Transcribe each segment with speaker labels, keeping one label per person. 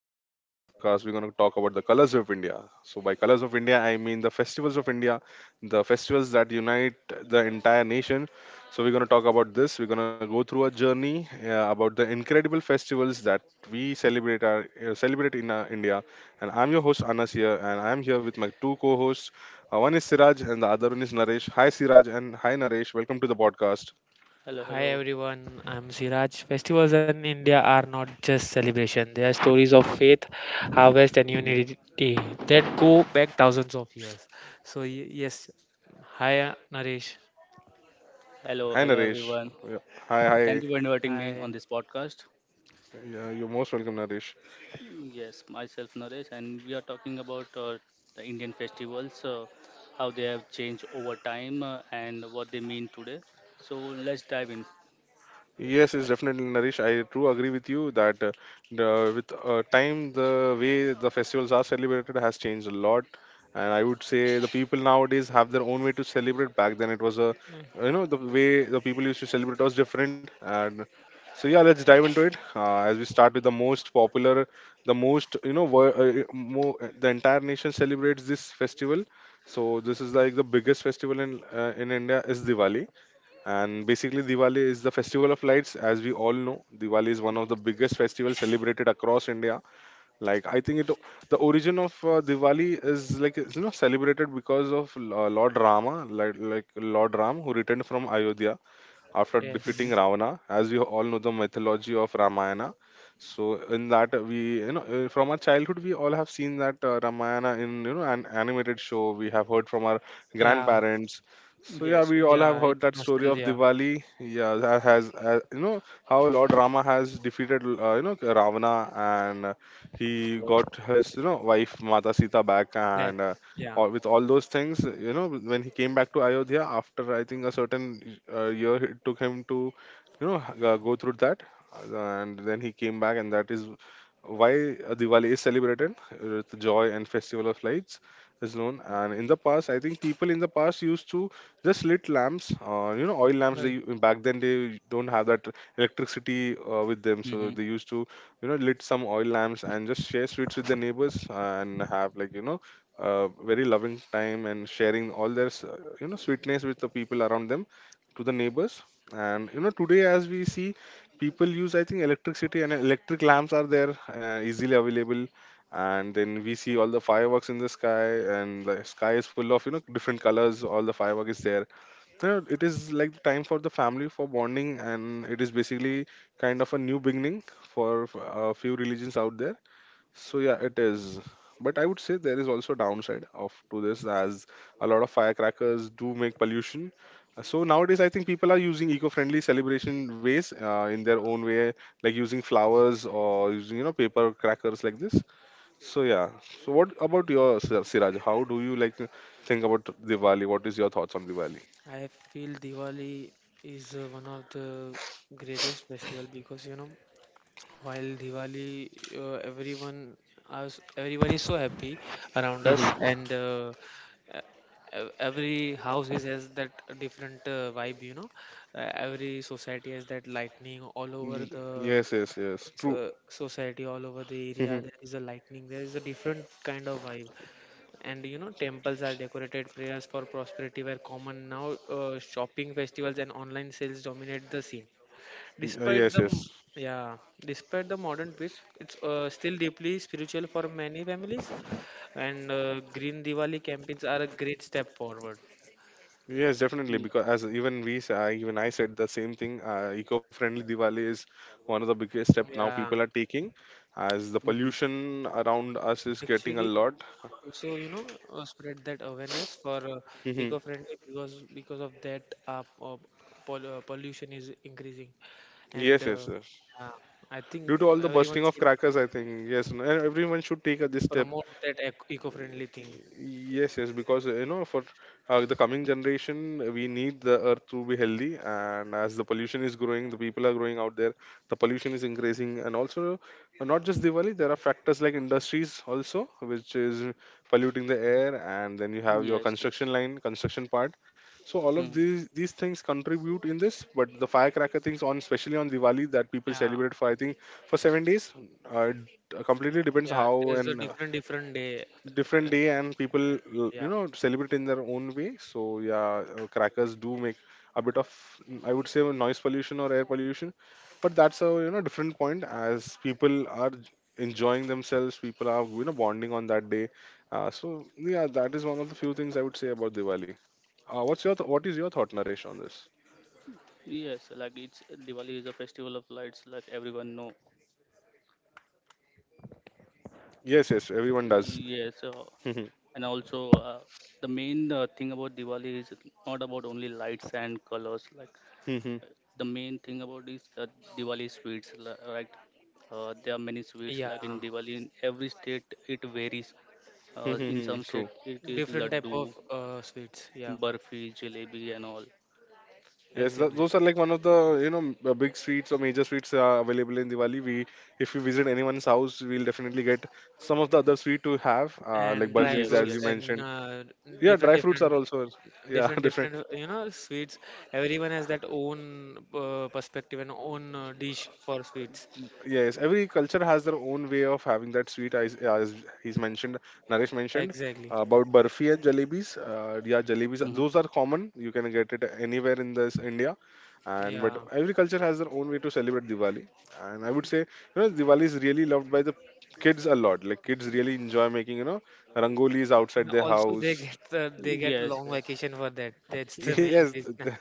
Speaker 1: And on this podcast, we're going to talk about the colors of India. So, by colors of India, I mean the festivals of India, the festivals that unite the entire nation. So, we're going to talk about this. We're going to go through a journey about the incredible festivals that we celebrate celebrate in India. And I'm your host Anas here, and I'm here with my two co-hosts. One is Siraj, and the other one is Naresh. Hi, Siraj, and hi, Naresh. Welcome to the podcast.
Speaker 2: Hello,
Speaker 3: Hi
Speaker 2: hello,
Speaker 3: everyone, I'm Siraj. Festivals in India are not just celebration, they are stories of faith, harvest, and
Speaker 1: Mhm.
Speaker 3: unity that go back thousands of years. So, yes, hi Naresh.
Speaker 2: hello,
Speaker 1: Hi,
Speaker 2: hello,
Speaker 1: Naresh.
Speaker 2: everyone.
Speaker 1: Yeah. Hi,
Speaker 2: Thank
Speaker 1: hi.
Speaker 2: you for inviting me on
Speaker 3: Hi.
Speaker 2: this podcast.
Speaker 1: Yeah, you're most welcome, Naresh.
Speaker 2: Yes, myself Naresh, and we are talking about the Indian festivals, how they have changed over time, and what they mean today. So let's dive in.
Speaker 1: Yes, it's definitely Naresh. I do agree with you that the, with time, the way the festivals are celebrated has changed a lot, and I would say the people nowadays have their own way to celebrate. Back then, it was a,
Speaker 3: Mm,
Speaker 1: you know, the way the people used to celebrate was different, and so yeah, let's dive into it. As we start with the most popular, the most you know, the entire nation celebrates this festival. So this is like the biggest festival in India is Diwali. And basically, Diwali is the festival of lights. As we all know, Diwali is one of the biggest festivals celebrated across India. Like I think it, the origin of Diwali is like it's, you know, celebrated because of Lord Rama, like Lord Ram, who returned from Ayodhya after
Speaker 2: Mm-hmm.
Speaker 1: defeating
Speaker 3: yes,
Speaker 1: Ravana. As you all know, the mythology of Ramayana, so in that we you know from our childhood we all have seen that Ramayana in you know an animated show. We have heard from our
Speaker 3: yeah,
Speaker 1: grandparents. So yeah,
Speaker 2: Yes,
Speaker 1: we
Speaker 2: yes.
Speaker 1: all have
Speaker 3: yeah,
Speaker 1: heard
Speaker 3: it's
Speaker 1: that story of
Speaker 3: nostalgia
Speaker 1: Diwali. Yeah, that has you know how Lord Rama has defeated you know Ravana and he got his you know wife Mata Sita back,
Speaker 3: back,
Speaker 1: and
Speaker 3: yeah,
Speaker 1: all, with all those things you know when he came back to Ayodhya after I think a certain year it took him to you know go through that and then he came back, and that is why Diwali is celebrated with joy and festival of lights is known. And in the past I think people in the past used to just lit lamps, you know oil lamps.
Speaker 3: right.
Speaker 1: They back then they don't have that electricity with them, so
Speaker 2: Mm-hmm.
Speaker 1: they used to you know lit some oil lamps and just share sweets with the neighbors and have like you know very loving time and sharing all their you know sweetness with the people around them, to the neighbors. And you know today, as we see, people use I think electricity and electric lamps are there easily available, and then we see all the fireworks in the sky, and the sky is full of you know different colors, all the firework is there. You know, it is like the time for the family for bonding, and it is basically kind of a new beginning for a few religions out there. So yeah, it is. But I would say there is also downside of to this, as a lot of firecrackers do make pollution. So nowadays, I think people are using eco-friendly celebration ways in their own way, like using flowers or using you know paper crackers like this. So yeah. So what about your Siraj? How do you like think about Diwali? What is your thoughts on Diwali?
Speaker 3: I feel Diwali is one of the greatest festival because you know while Diwali, everyone us everyone is so happy around us,
Speaker 1: Mm-hmm.
Speaker 3: and e- every house is has that different vibe. You know, every society has that lightning all over the
Speaker 1: Yes, yes, yes. True.
Speaker 3: society, all over the area.
Speaker 1: Mm-hmm.
Speaker 3: There is a lightning. There is a different kind of vibe, and you know, temples are decorated. Prayers for prosperity were common. Now, shopping festivals and online sales dominate the scene. Despite
Speaker 1: Yes,
Speaker 3: the m-
Speaker 1: yes.
Speaker 3: yeah, despite the modern twist, it's still deeply spiritual for many families, and Green Diwali campaigns are a great step forward.
Speaker 1: Yes, definitely.
Speaker 2: Ye-
Speaker 1: Because as even we, I said the same thing. Eco-friendly Diwali is one of the biggest step now
Speaker 3: Yeah,
Speaker 1: people are taking, as the
Speaker 2: mhm.
Speaker 1: pollution around us is getting a
Speaker 3: actually,
Speaker 1: lot.
Speaker 3: also you know spread that awareness for
Speaker 1: Hmm.
Speaker 3: eco-friendly because of that uh, uh, pollution is increasing, and
Speaker 1: Yes, yes, yes.
Speaker 3: yeah, I think
Speaker 1: Due to all the
Speaker 3: everyone
Speaker 1: bursting of
Speaker 3: should
Speaker 1: crackers, I think yes, and everyone should take this step.
Speaker 3: promote that eco-friendly thing.
Speaker 1: Yes, yes, because you know, for the coming generation, we need the earth to be healthy. And as the pollution is growing, the people are growing out there, the pollution is increasing. And also, not just Diwali, there are factors like industries also, which is polluting the air. And then you have your
Speaker 2: Yes,
Speaker 1: construction
Speaker 2: yes.
Speaker 1: line, construction part. So all of
Speaker 2: Mhm.
Speaker 1: these things contribute in this. But the firecracker things on, especially on Diwali, that people
Speaker 3: Yeah,
Speaker 1: celebrate for I think for 7 days. Uh, it completely depends
Speaker 3: yeah.
Speaker 1: how
Speaker 3: There's a
Speaker 1: and
Speaker 3: different different day.
Speaker 1: different
Speaker 3: uh,
Speaker 1: day, and people
Speaker 3: And yeah,
Speaker 1: you know celebrate in their own way. So yeah, crackers do make a bit of I would say a noise pollution or air pollution, but that's a you know different point, as people are enjoying themselves, people are you know bonding on that day. So yeah, that is one of the few things I would say about Diwali. What is your thought, Naresh, on this?
Speaker 2: Yes, like it's Diwali is a festival of lights, like everyone know.
Speaker 1: Yes, yes, everyone does.
Speaker 2: Yes,
Speaker 1: Hmm, hmm.
Speaker 2: and also the main thing about Diwali is not about only lights and colors like
Speaker 1: Hmm, hmm.
Speaker 2: uh, the main thing about is Diwali sweets right. There are many sweets
Speaker 3: yeah,
Speaker 2: like in Diwali in every state it varies,
Speaker 1: Hmm,
Speaker 2: in
Speaker 1: hmm,
Speaker 2: some
Speaker 1: true.
Speaker 2: state it is
Speaker 3: different type
Speaker 2: laddu,
Speaker 3: of sweets. Yeah,
Speaker 2: barfi, jalebi and all.
Speaker 1: Yes, th
Speaker 3: exactly.
Speaker 1: those are like one of the you know big sweets or major sweets are available in Diwali. We if we visit anyone's house, we'll definitely get some of the other sweet to have, like
Speaker 3: And dry
Speaker 1: burfis
Speaker 2: Yes,
Speaker 1: as
Speaker 3: fruits
Speaker 1: you
Speaker 2: yes.
Speaker 3: and
Speaker 1: mentioned. Yeah,
Speaker 3: different,
Speaker 1: dry fruits are
Speaker 3: different,
Speaker 1: also yeah
Speaker 3: different,
Speaker 1: different.
Speaker 3: different. You know, sweets. Everyone has that own perspective and own dish for sweets.
Speaker 1: Yes, every culture has their own way of having that sweet. As he's mentioned, Naresh mentioned
Speaker 3: Exactly.
Speaker 1: about barfi and jalebis. Yeah, jalebis.
Speaker 2: Hmm.
Speaker 1: Those are common. You can get it anywhere in this India, and but
Speaker 3: Yeah.
Speaker 1: every culture has their own way to celebrate Diwali. And I would say, you know, Diwali is really loved by the kids a lot. Like kids really enjoy making, you know, rangolis
Speaker 3: And
Speaker 1: outside their
Speaker 3: also, they
Speaker 1: house.
Speaker 3: get
Speaker 2: Yes,
Speaker 3: long
Speaker 2: yes.
Speaker 3: vacation for that. That's the main
Speaker 1: Yes.
Speaker 3: reason.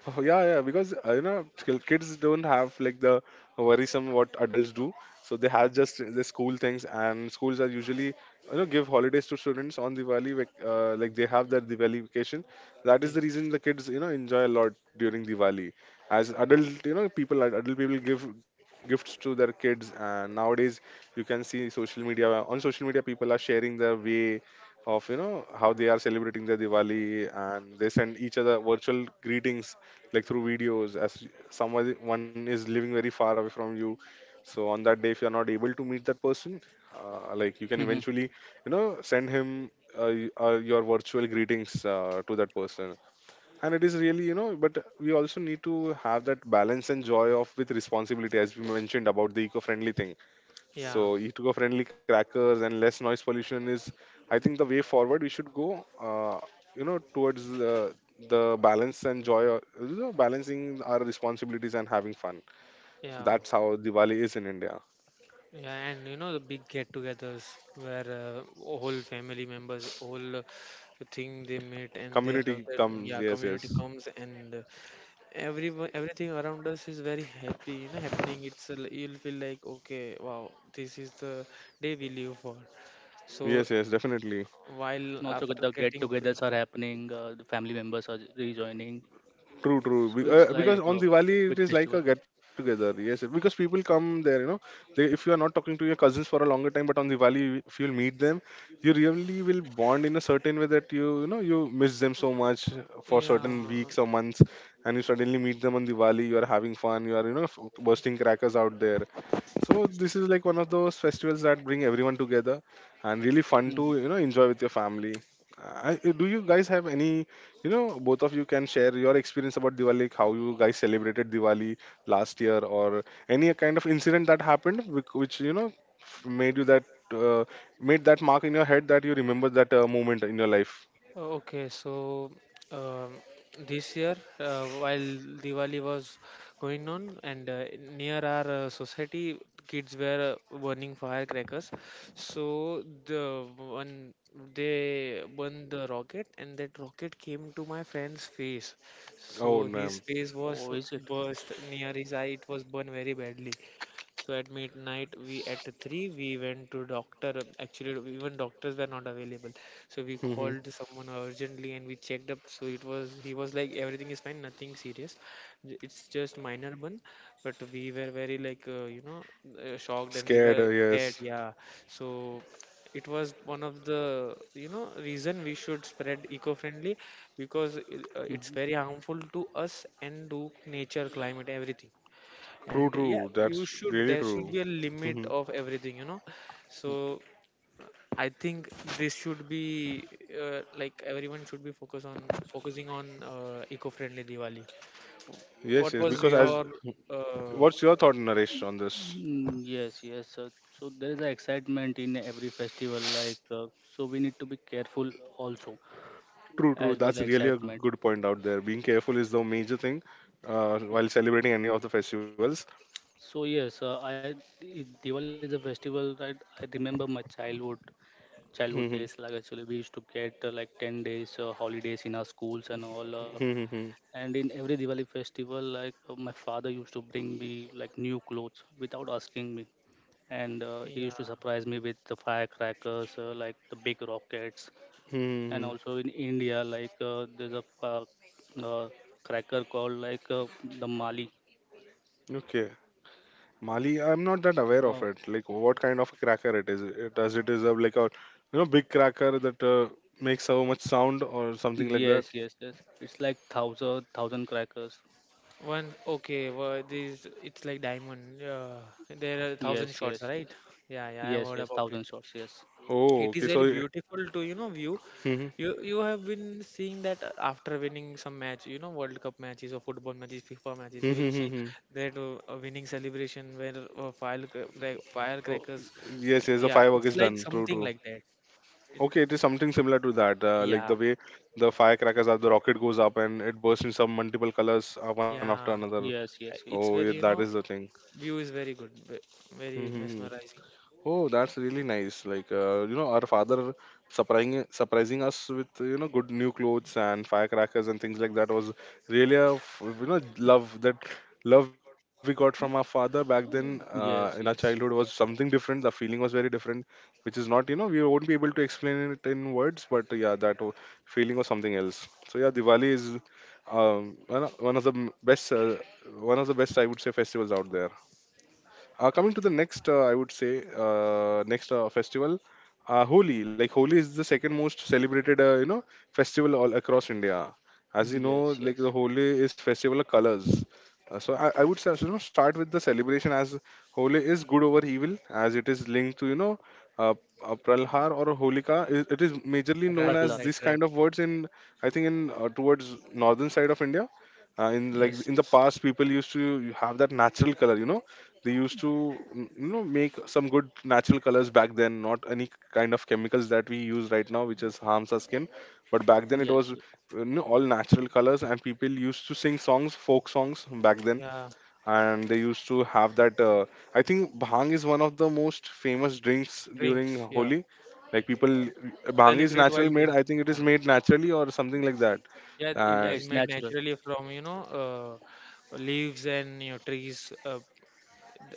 Speaker 1: Oh, yeah, yeah, because you know, kids don't have like the worrisome what adults do. So they have just the school things, and schools are usually you know give holidays to students on Diwali. Like they have their Diwali vacation. That
Speaker 3: Yeah.
Speaker 1: is the reason the kids you know enjoy a lot during Diwali. As adult, you know, people adult people give gifts to their kids, and nowadays you can see social media on social media people are sharing their way of you know how they are celebrating their Diwali, and they send each other virtual greetings like through videos as someone one is living very far away from you. So on that day, if you are not able to meet that person, like you
Speaker 2: Hmm.
Speaker 1: can eventually you know send him your virtual greetings to that person. And it is really you know, but we also need to have that balance and joy of with responsibility as we mentioned about the eco-friendly thing.
Speaker 3: Yeah.
Speaker 1: So eco-friendly crackers and less noise pollution is, I think, the way forward. We should go, you know, towards the balance and joy, or, you know, balancing our responsibilities and having fun.
Speaker 3: Yeah.
Speaker 1: So that's how Diwali is in India.
Speaker 3: Yeah, and you know the big get-togethers where whole family members, whole thing they meet and they have
Speaker 1: Community
Speaker 3: that yeah
Speaker 1: comes. Yes, yes,
Speaker 3: community comes and everyone everything around us is very happy. You know, happening. You'll feel like okay, wow, this is the day we live for. So
Speaker 1: yes, yes, definitely.
Speaker 3: while
Speaker 2: Also
Speaker 3: after
Speaker 2: the
Speaker 3: getting free,
Speaker 2: get-togethers are happening, the family members are rejoining,
Speaker 1: True, true.
Speaker 2: so it's like
Speaker 1: Because
Speaker 3: correct.
Speaker 1: on
Speaker 2: a
Speaker 1: Diwali
Speaker 2: big
Speaker 1: it is like
Speaker 2: festival.
Speaker 1: a get together. Yes, because people come there. You know, they if you are not talking to your cousins for a longer time, but on Diwali if you'll meet them, you really will bond in a certain way that you know you miss them so much for
Speaker 3: Yeah,
Speaker 1: certain weeks or months, and you suddenly meet them on Diwali. You are having fun. You are you know bursting crackers out there. So this is like one of those festivals that bring everyone together, and really fun
Speaker 2: Hmm.
Speaker 1: to you know enjoy with your family. I, do you guys have any, you know, both of you can share your experience about Diwali, like how you guys celebrated Diwali last year, or any kind of incident that happened which you know made you that uh, made that mark in your head that you remember that moment in your life.
Speaker 3: okay, so um, this year, while Diwali was going on, and near our society, kids were burning firecrackers. So the one they burned the rocket, and that rocket came to my friend's face.
Speaker 1: Oh,
Speaker 3: So his
Speaker 1: no.
Speaker 3: face
Speaker 2: Oh,
Speaker 3: was
Speaker 2: is it?
Speaker 3: burst near his eye. It was burned very badly. So at midnight, we at three we went to doctor. Actually, even doctors were not available. So we
Speaker 1: Hmm.
Speaker 3: called someone urgently and we checked up. So it was he was like everything is fine, nothing serious. It's just minor one, but we were very like shocked and we
Speaker 1: Scared,
Speaker 3: were scared.
Speaker 1: yes.
Speaker 3: Yeah. So it was one of the you know reason we should spread eco-friendly because it's
Speaker 2: Mhm.
Speaker 3: very harmful to us and to nature, climate, everything.
Speaker 1: True,
Speaker 3: And
Speaker 1: true.
Speaker 3: yeah,
Speaker 1: That's
Speaker 3: you should
Speaker 1: really
Speaker 3: there
Speaker 1: true.
Speaker 3: should be a
Speaker 1: Hmm.
Speaker 3: limit of everything, you know. So I think this should be like everyone should be focusing on eco-friendly Diwali.
Speaker 1: Yes,
Speaker 3: What
Speaker 1: yes.
Speaker 3: was
Speaker 1: Because as,
Speaker 3: your uh
Speaker 1: what's your thought, Naresh, on this?
Speaker 2: Mm, yes, yes. so there is an excitement in every festival. Like, so we need to be careful also,
Speaker 1: True, true.
Speaker 2: as per
Speaker 1: That's
Speaker 2: the
Speaker 1: really a
Speaker 2: excitement.
Speaker 1: good point out there. Being careful is the major thing while
Speaker 2: Yes.
Speaker 1: celebrating any of the festivals.
Speaker 2: So yes, Diwali is a festival, right? I remember my childhood, childhood
Speaker 1: Mhm.
Speaker 2: days. Like actually, we used to get like 10 days holidays in our schools and all.
Speaker 1: Mhm.
Speaker 2: And in every Diwali festival, like my father used to bring me like new clothes without asking me, and he
Speaker 3: yeah,
Speaker 2: used to surprise me with the firecrackers, like the big rockets, and
Speaker 1: Mhm.
Speaker 2: also in India, like there's a uh, cracker called like the Mali.
Speaker 1: Okay. Mali, I'm not that aware of
Speaker 2: Oh,
Speaker 1: it. Like, what kind of a cracker it is? It, does it is a like a you know big cracker that makes so much sound or something like that?
Speaker 2: yes, yes, yes. It's like thousand thousand crackers.
Speaker 3: one. Okay, well, this it's like diamond, there are thousand
Speaker 2: Yes,
Speaker 3: shots,
Speaker 2: yes, yes,
Speaker 3: right? Yeah, yeah, I've
Speaker 2: yes,
Speaker 3: heard
Speaker 2: yes.
Speaker 3: about
Speaker 2: Thousand
Speaker 3: it.
Speaker 2: shots. Yes,
Speaker 1: Oh,
Speaker 3: It
Speaker 1: okay.
Speaker 3: is
Speaker 1: So,
Speaker 3: very
Speaker 1: it-
Speaker 3: beautiful to you know view.
Speaker 1: Mhm.
Speaker 3: You have been seeing that after winning some match, you know, world cup matches or football matches, FIFA matches.
Speaker 1: Mhm.
Speaker 3: You will
Speaker 1: Mhm.
Speaker 3: see
Speaker 1: Mhm.
Speaker 3: that a winning celebration where
Speaker 1: Oh,
Speaker 3: firecrackers.
Speaker 1: yes, yes. The
Speaker 3: Yeah,
Speaker 1: firework
Speaker 3: it's
Speaker 1: is
Speaker 3: like
Speaker 1: done. True,
Speaker 3: something
Speaker 1: true.
Speaker 3: like that. it,
Speaker 1: Okay, it is something similar to that. Like
Speaker 3: yeah,
Speaker 1: the way the firecrackers are, the rocket goes up and it bursts in some multiple colors one after
Speaker 3: yeah,
Speaker 1: another.
Speaker 2: yes, yes, yes,
Speaker 1: Oh,
Speaker 3: it's
Speaker 1: yeah,
Speaker 3: very,
Speaker 1: that
Speaker 3: you
Speaker 1: is
Speaker 3: know,
Speaker 1: the thing.
Speaker 3: view is very good, very
Speaker 1: Hmm.
Speaker 3: mesmerizing.
Speaker 1: Oh, that's really nice. Like, our father surprising us with good new clothes and firecrackers and things like that was really a f- you know love that love we got from our father back then in our
Speaker 2: yes,
Speaker 1: childhood
Speaker 2: yes,
Speaker 1: was something different. The feeling was very different, which is not we won't be able to explain it in words, but yeah, feeling was something else. So yeah, Diwali is one of best one of the best I would say festivals out there. Coming to the next, I would say next festival, Holi. Like Holi is the second most celebrated, festival all across India. As you know,
Speaker 2: yes,
Speaker 1: like
Speaker 2: yes,
Speaker 1: the Holi is festival of colors. So I would say, you know, start with the celebration as Holi is good over evil, as it is linked to uh, Pralhar or Holika. It is majorly known
Speaker 3: Right,
Speaker 2: yes.
Speaker 1: as
Speaker 3: right,
Speaker 1: this
Speaker 3: right.
Speaker 1: kind of words in, I think, in towards northern side of India. In like
Speaker 3: Yes,
Speaker 1: in the past, people used to have that natural color, you know they used to you know make some good natural colors back then, not any kind of chemicals that we use right now which is harms our skin, but back then it
Speaker 2: Yes,
Speaker 1: was
Speaker 2: yes.
Speaker 1: all natural colors, and people used to sing songs, folk songs back then
Speaker 3: yeah.
Speaker 1: and they used to have that I think bhang is one of the most famous drinks during
Speaker 3: Drinks, yeah.
Speaker 1: Holi, like people, bhang is
Speaker 3: Celebrate while
Speaker 1: natural made, I
Speaker 3: drinking,
Speaker 1: think it
Speaker 3: yeah.
Speaker 1: is made naturally or something like that.
Speaker 3: Yeah, it
Speaker 2: Yeah,
Speaker 1: uh,
Speaker 3: is
Speaker 2: it's
Speaker 3: made
Speaker 2: natural.
Speaker 3: naturally from, you know, leaves and you know, trees. Uh,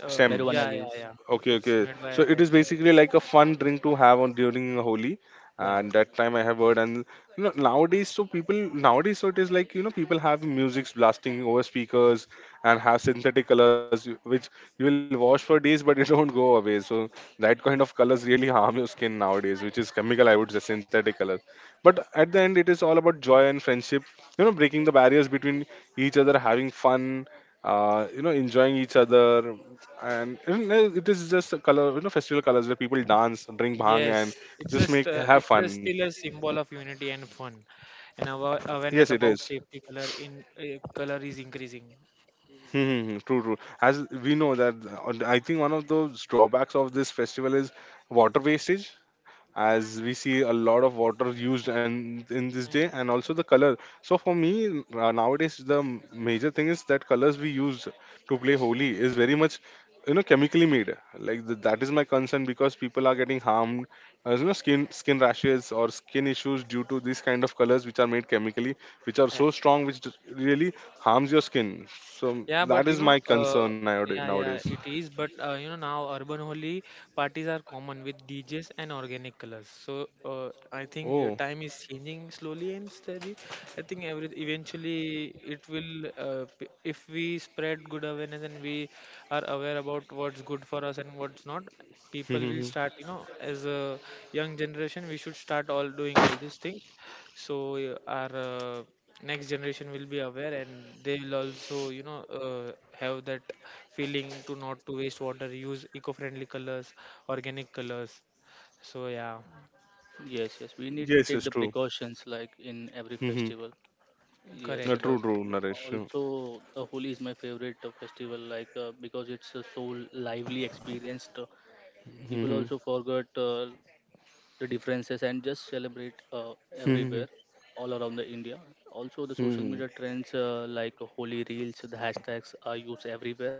Speaker 3: uh,
Speaker 1: Stem.
Speaker 2: Marijuana
Speaker 3: Yeah,
Speaker 2: leaves.
Speaker 3: yeah, yeah.
Speaker 1: Okay,
Speaker 3: It's
Speaker 1: okay.
Speaker 3: made
Speaker 1: So
Speaker 3: by
Speaker 1: it
Speaker 3: that
Speaker 1: is
Speaker 3: thing.
Speaker 1: basically like a fun drink to have on during Holi,
Speaker 3: Yeah.
Speaker 1: and that time I have heard. And you know, nowadays, so people nowadays, so it is like you know, people have music's blasting over speakers and have synthetic colors which you will wash for days, but it don't go away. So that kind of colors really harm your skin nowadays, which is chemical, I would say, synthetic colors. But at the end, it is all about joy and friendship. You know, breaking the barriers between each other, having fun, you know, enjoying each other and you, it is just a color, you know, festival colors where people dance, drink bhang
Speaker 3: Yes.
Speaker 1: and
Speaker 3: It's
Speaker 1: just
Speaker 3: just,
Speaker 1: make have fun.
Speaker 3: still a symbol of unity and fun, and our awareness
Speaker 1: Yes, it
Speaker 3: about
Speaker 1: is.
Speaker 3: safety color is increasing.
Speaker 1: Hmm, hmm, hmm. True, true. As we know that, I think one of those drawbacks of this festival is water wastage. As we see a lot of water used and in this day
Speaker 3: Mm,
Speaker 1: and also the color, so for me nowadays major thing is that colors we use to play Holi is very much you know chemically made, like that is my concern because people are getting harmed, as you know, skin, skin rashes or skin issues due to these kind of colors which are made chemically, which are
Speaker 3: yeah.
Speaker 1: so strong, which really harms your skin. So
Speaker 3: Yeah, but
Speaker 1: that
Speaker 3: you
Speaker 1: is
Speaker 3: know,
Speaker 1: my concern nowadays,
Speaker 3: yeah,
Speaker 1: nowadays.
Speaker 3: yeah, it is. But you know, now urban holy parties are common with DJs and organic colors. So I think
Speaker 1: Oh.
Speaker 3: time is changing slowly and steady. I think every eventually it will, if we spread good awareness and we are aware about what's good for us and what's not. People will start, you know, as a young generation, we should start all doing all these things, so our next generation will be aware and they will also, you know, have that feeling to not to waste water, use eco-friendly colors, organic colors. So yeah.
Speaker 2: Yes, yes. We need to
Speaker 1: Yes,
Speaker 2: take
Speaker 1: it's
Speaker 2: the
Speaker 1: true.
Speaker 2: precautions like in every
Speaker 1: uh,
Speaker 2: festival. Yes,
Speaker 3: Correct.
Speaker 2: the
Speaker 1: True, true, Naresh.
Speaker 2: also the Holi is my favorite festival. Like because it's so lively experienced. People
Speaker 1: Hmm,
Speaker 2: also forget the differences and just celebrate
Speaker 1: hmm,
Speaker 2: everywhere, all around the India. Also, the social
Speaker 1: hmm.
Speaker 2: media trends, like Holi reels, the hashtags are used everywhere.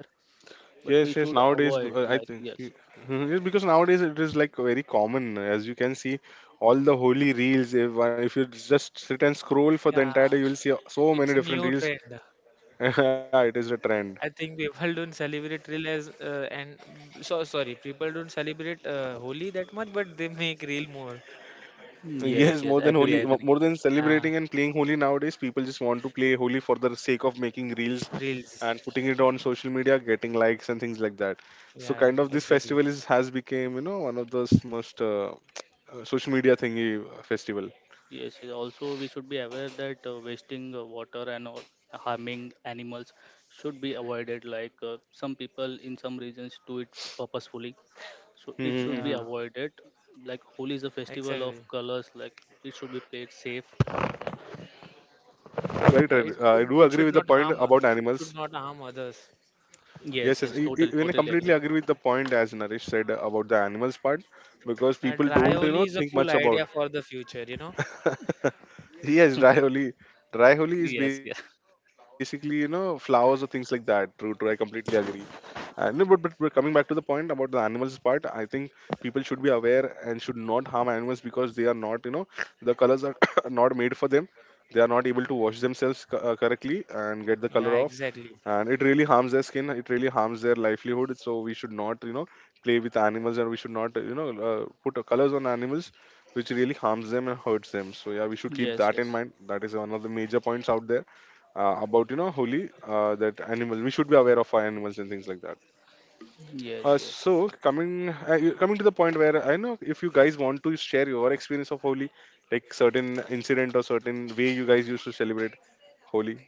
Speaker 2: But we
Speaker 1: Yes,
Speaker 2: should
Speaker 1: yes. Nowadays,
Speaker 2: avoid,
Speaker 1: I
Speaker 2: like,
Speaker 1: think.
Speaker 2: yes.
Speaker 1: Mhm. Yes, because nowadays it is like very common. As you can see, all the holy reels. If if you just sit and scroll for the
Speaker 3: Yeah,
Speaker 1: entire day, you will see so
Speaker 3: it's
Speaker 1: many
Speaker 3: a
Speaker 1: different
Speaker 3: new
Speaker 1: reels.
Speaker 3: trend.
Speaker 1: Yeah, it is a trend.
Speaker 3: I think people don't celebrate real as and so sorry people don't celebrate Holi that much, but they make real more.
Speaker 2: Mm,
Speaker 1: Yes,
Speaker 2: yes,
Speaker 1: more
Speaker 2: yes.
Speaker 1: than
Speaker 2: Agree,
Speaker 1: holy,
Speaker 2: agree.
Speaker 1: more than
Speaker 3: Yeah,
Speaker 1: celebrating and playing holy nowadays, people just want to play holy for the sake of making reels
Speaker 3: reels.
Speaker 1: and putting it on social media, getting likes and things like that. So,
Speaker 3: Yeah,
Speaker 1: kind of
Speaker 3: yeah,
Speaker 1: this
Speaker 3: exactly.
Speaker 1: festival is has become you know one of the most social media thingy festival.
Speaker 2: Yes, yes. Also we should be aware that wasting water and all, harming animals, should be avoided. Like some people in some regions do it purposefully, so it should be
Speaker 1: Mm-hmm.
Speaker 3: Yeah,
Speaker 2: avoided. Like Holi is a festival of
Speaker 3: exactly.
Speaker 2: colors, like it should be played safe.
Speaker 1: Right, right.
Speaker 3: Yeah,
Speaker 2: Yes,
Speaker 1: I do
Speaker 3: it
Speaker 1: agree
Speaker 3: should
Speaker 1: with the
Speaker 3: not
Speaker 1: point
Speaker 3: harm
Speaker 1: about animals.
Speaker 3: others.
Speaker 1: Yes,
Speaker 2: yes,
Speaker 1: yes.
Speaker 2: yes, totally,
Speaker 1: Even I
Speaker 2: totally
Speaker 1: completely
Speaker 2: agree.
Speaker 1: agree with the point as Naresh said about the animals part because
Speaker 3: Yeah,
Speaker 1: people
Speaker 3: dry
Speaker 1: don't, you know,
Speaker 3: only is a
Speaker 1: think
Speaker 3: cool
Speaker 1: much about.
Speaker 3: idea for the future, you know.
Speaker 1: Yes, dry holi. Dry holi is
Speaker 2: Yes, yes.
Speaker 1: basically, you know, flowers or things like that. True, true. I completely agree. And no, but coming back to the point about the animals part, I think people should be aware and should not harm animals because they are not, you know, the colors are not made for them. They are not able to wash themselves correctly and get the
Speaker 3: Yeah,
Speaker 1: color off,
Speaker 3: exactly.
Speaker 1: and it really harms their skin, it really harms their livelihood, so we should not, you know, play with animals, and we should not put colors on animals which really harms them and hurts them. So yeah, we should keep
Speaker 2: Yes,
Speaker 1: that in
Speaker 2: yes,
Speaker 1: mind, that is one of the major points out there about you know holy, that animals, we should be aware of our animals and things like that.
Speaker 2: yes,
Speaker 1: uh,
Speaker 2: yes,
Speaker 1: so coming Coming to the point where I know if you guys want to share your experience of Holi, like certain incident or certain way you guys used to celebrate Holi.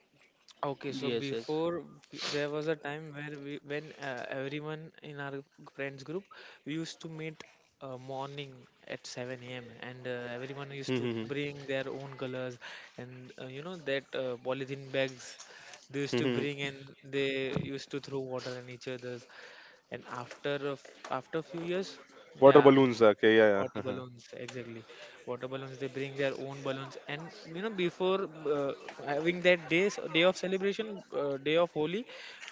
Speaker 3: Okay, so
Speaker 2: yes, yes,
Speaker 3: there was a time where we when everyone in our friends group we used to meet morning at 7 a.m. and everyone used to bring their own colors and you know that polythene bags they used to bring, and they used to throw water on each other's. And after a few
Speaker 1: Water
Speaker 3: years.
Speaker 1: balloons.
Speaker 3: Yeah.
Speaker 1: Okay, yeah, yeah.
Speaker 3: Water balloons, exactly. Water balloons, they bring their own balloons. And you know, before having that day, day of celebration, day of Holi,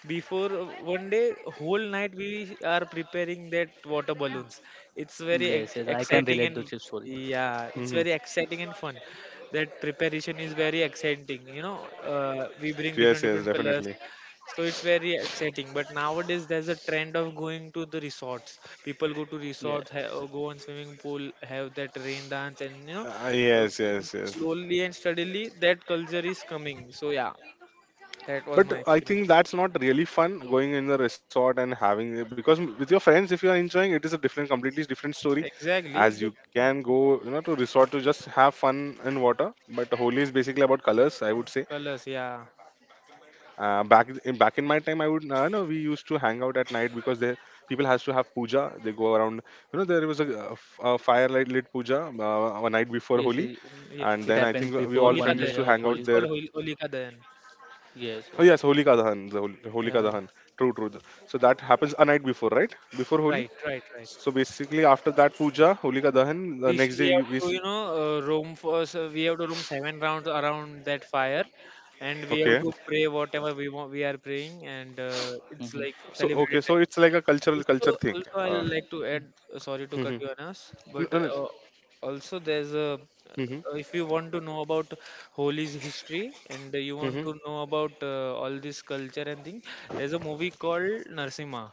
Speaker 3: before one day, whole night we are preparing that water balloons. It's very
Speaker 2: yes,
Speaker 3: ex
Speaker 2: yes. I can
Speaker 3: exciting,
Speaker 2: relate to
Speaker 3: and
Speaker 2: this story.
Speaker 3: yeah, it's
Speaker 1: Mhm.
Speaker 3: very exciting and fun. That preparation is very exciting. You know, we bring
Speaker 1: Yes,
Speaker 3: different
Speaker 1: yes,
Speaker 3: different
Speaker 1: definitely.
Speaker 3: colors. So it's very exciting. But nowadays there's a trend of going to the resorts. People go to resorts, ha
Speaker 2: Yes,
Speaker 3: go on swimming pool, have that rain dance, and you know,
Speaker 1: Yes, yes, yes.
Speaker 3: slowly and steadily that culture is coming. So yeah, that was
Speaker 1: But
Speaker 3: my
Speaker 1: I
Speaker 3: experience.
Speaker 1: think that's not really fun going in the resort and having it because with your friends, if you are enjoying, it is a different, completely different story.
Speaker 3: Exactly,
Speaker 1: As you
Speaker 3: but
Speaker 1: can go, you know, to resort to just have fun in water. But Holi is basically about colors, I would say.
Speaker 3: colors, yeah.
Speaker 1: Back in my time I would no, we used to hang out at night because there people has to have puja, they go around, you know, there was a, a firelight lit puja, uh, one night before Holi,
Speaker 2: yes. Yes.
Speaker 1: and
Speaker 3: Mm,
Speaker 1: then
Speaker 3: yeah.
Speaker 1: I
Speaker 2: It
Speaker 1: think
Speaker 2: happens
Speaker 1: we all
Speaker 2: before
Speaker 1: friends
Speaker 3: Holika
Speaker 1: used
Speaker 2: one
Speaker 1: to
Speaker 3: Dahan.
Speaker 2: day
Speaker 1: hang
Speaker 2: of
Speaker 1: out
Speaker 3: It's
Speaker 2: Holi.
Speaker 1: there.
Speaker 3: called Holika Dahan.
Speaker 1: Oh
Speaker 2: Yes, yes.
Speaker 1: yes, Holika Dahan, the Holika Dahan.
Speaker 3: Yeah,
Speaker 1: True, true. So that happens a night before, right? Before Holi.
Speaker 3: right, right, right.
Speaker 1: So basically after that puja, Holika Dahan, the next
Speaker 3: We
Speaker 1: day
Speaker 3: have
Speaker 1: you
Speaker 3: to,
Speaker 1: is.
Speaker 3: you know, roam for so we have to roam seven rounds around that fire, and we have
Speaker 1: Okay,
Speaker 3: to pray whatever we want. We are praying, and it's like
Speaker 2: Mm-hmm.
Speaker 1: so okay,
Speaker 3: celebrated
Speaker 1: so it's
Speaker 3: time.
Speaker 1: like a cultural culture thing.
Speaker 3: Also, I
Speaker 1: uh,
Speaker 3: like to add. Sorry to cut
Speaker 1: mhm.
Speaker 3: you, Anas,
Speaker 1: No,
Speaker 3: but
Speaker 1: no, no.
Speaker 3: also there's a.
Speaker 1: Mhm,
Speaker 3: If you want to know about Holi's history and you want
Speaker 1: mhm.
Speaker 3: to know about all this culture and thing, there's a movie called Narsimha.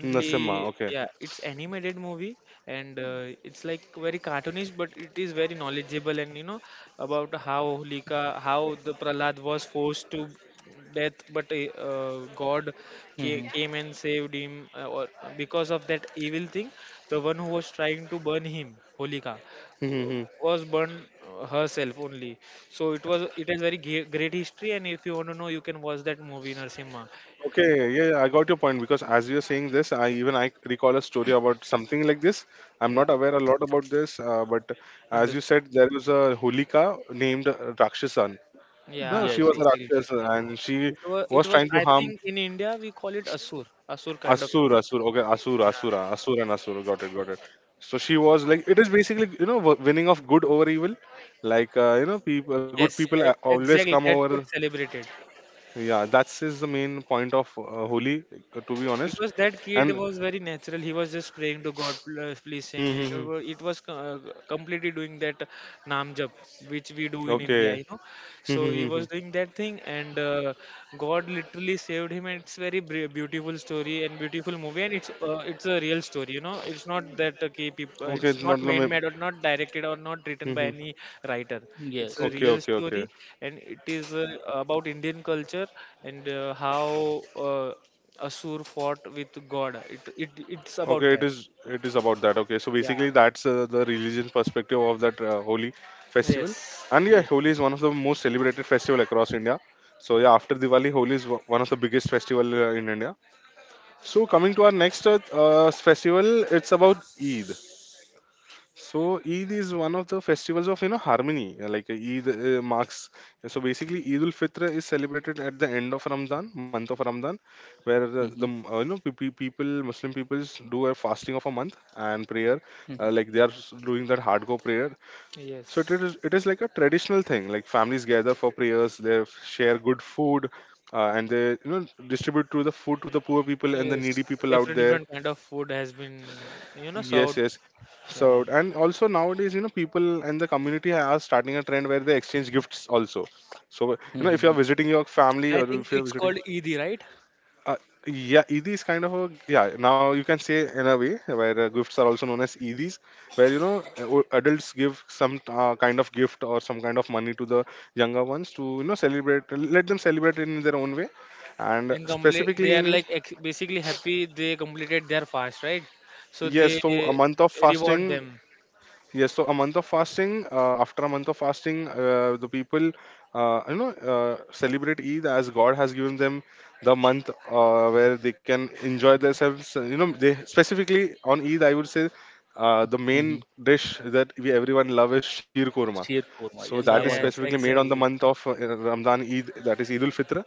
Speaker 1: Nasima, okay.
Speaker 3: yeah, it's animated movie and it's like very cartoonish, but it is very knowledgeable and you know about how Holika, how the Prahlad was forced to death, but God
Speaker 2: Mm-hmm.
Speaker 3: came and saved him. Or because of that evil thing, the one who was trying to burn him, Holika,
Speaker 1: Mm-hmm.
Speaker 3: was burned herself only. So it has very great history, and if you want to know, you can watch that movie, Narsimha.
Speaker 1: Okay, yeah, yeah, I got your point because as you're saying this, I even I recall a story about something like this. I'm
Speaker 3: Yeah,
Speaker 1: not aware a lot about this, but as you
Speaker 3: understood.
Speaker 1: said, there was a Hulika named Rakshasan. No,
Speaker 3: Yeah,
Speaker 1: she
Speaker 2: Yes,
Speaker 1: was a
Speaker 2: yes,
Speaker 3: exactly.
Speaker 2: yes.
Speaker 1: Rakshas and she
Speaker 3: It
Speaker 1: was
Speaker 3: was,
Speaker 1: trying to
Speaker 3: I
Speaker 1: harm.
Speaker 3: think in India we call it Asur, Asur kind of thing.
Speaker 1: Asura, Asura, okay, Asura,
Speaker 3: Yeah.
Speaker 1: Asura, Asura and Asura, got it, got it. So she was like, it is basically, you know, winning of good over evil. Like, you know, people, good
Speaker 3: Yes,
Speaker 1: people always come
Speaker 3: exactly. That's
Speaker 1: over.
Speaker 3: what celebrated.
Speaker 1: Yeah, that's is the main point of Holi, to be honest.
Speaker 3: Because that kid
Speaker 1: And
Speaker 3: was very natural, he was just praying to God, Please save
Speaker 1: hmm,
Speaker 3: me."
Speaker 1: hmm, hmm.
Speaker 3: It was completely doing that nam jap which we do in India,
Speaker 1: Okay,
Speaker 3: you know.
Speaker 1: hmm,
Speaker 3: So
Speaker 1: hmm,
Speaker 3: he
Speaker 1: hmm, hmm.
Speaker 3: was doing that thing, and God literally saved him. And it's very beautiful story and beautiful movie. And it's a real story, you know. It's not that, okay people,
Speaker 1: Okay,
Speaker 3: it's
Speaker 1: it's not
Speaker 3: not man
Speaker 1: let.
Speaker 3: made or not directed or not written
Speaker 1: Hmm,
Speaker 3: by
Speaker 1: hmm.
Speaker 3: any writer. It's
Speaker 2: Yes,
Speaker 3: a
Speaker 1: Okay,
Speaker 3: real
Speaker 2: yes.
Speaker 1: okay, okay,
Speaker 3: story, and it is about Indian culture, and how uh, Asur fought with God. It's about
Speaker 1: okay.
Speaker 3: that.
Speaker 1: It is about that. Okay, so
Speaker 3: Yeah.
Speaker 1: basically that's the religion perspective of that Holi festival.
Speaker 3: Yes.
Speaker 1: And yeah,
Speaker 3: Yes.
Speaker 1: Holi
Speaker 3: Yes.
Speaker 1: is one of the most celebrated festival across India. So yeah, after Diwali, Holi is one of the biggest festival in India. So coming to our next festival, it's about Eid. So Eid is one of the festivals of you know harmony. Like Eid marks, so basically Eid ul Fitr is celebrated at the end of Ramadan, month of Ramadan, where
Speaker 2: Mm-hmm.
Speaker 1: you know people, Muslim peoples do a fasting of a month and prayer.
Speaker 2: Mm-hmm.
Speaker 1: Like they are doing that hardcore prayer. So
Speaker 3: Yes.
Speaker 1: it is like a traditional thing. Like families gather for prayers, they share good food, and they you know distribute to the food to the poor people and the
Speaker 3: Yes.
Speaker 1: needy people out
Speaker 3: Different
Speaker 1: there.
Speaker 3: different kind of food has been you know
Speaker 1: Yes,
Speaker 3: served.
Speaker 1: yes.
Speaker 3: Yeah.
Speaker 1: So, and also nowadays, you know, people and the community are starting a trend where they exchange gifts also. So, you know, if
Speaker 2: Mm-hmm.
Speaker 1: you're visiting your family
Speaker 3: I
Speaker 1: or
Speaker 3: think
Speaker 1: if you're
Speaker 3: it's
Speaker 1: visiting,
Speaker 3: called Eid, right?
Speaker 1: uh, yeah, Eid kind of a, yeah, now you can say in a way where gifts are also known as Eidis, where, you know, adults give some kind of gift or some kind of money to the younger ones to, you know, celebrate, let them celebrate in their own way. And
Speaker 3: And complete they
Speaker 1: specifically
Speaker 3: are
Speaker 1: in,
Speaker 3: like basically happy they completed their fast, right? So
Speaker 1: yes,
Speaker 3: they
Speaker 1: so a month of
Speaker 3: reward
Speaker 1: fasting.
Speaker 3: them.
Speaker 1: Yes, so a month of fasting, after a month of fasting, the people, you know, celebrate Eid as God has given them the month where they can enjoy themselves. You know, they specifically on Eid, I would say the
Speaker 2: Mm-hmm.
Speaker 1: main dish that we everyone love is sheer korma.
Speaker 2: Sheer korma.
Speaker 1: So
Speaker 2: Yes,
Speaker 1: that
Speaker 2: I've
Speaker 1: is
Speaker 2: heard of
Speaker 3: Yes,
Speaker 1: specifically
Speaker 2: it.
Speaker 1: made on the
Speaker 3: exactly.
Speaker 1: month of Ramadan Eid, that is Eid ul Fitr.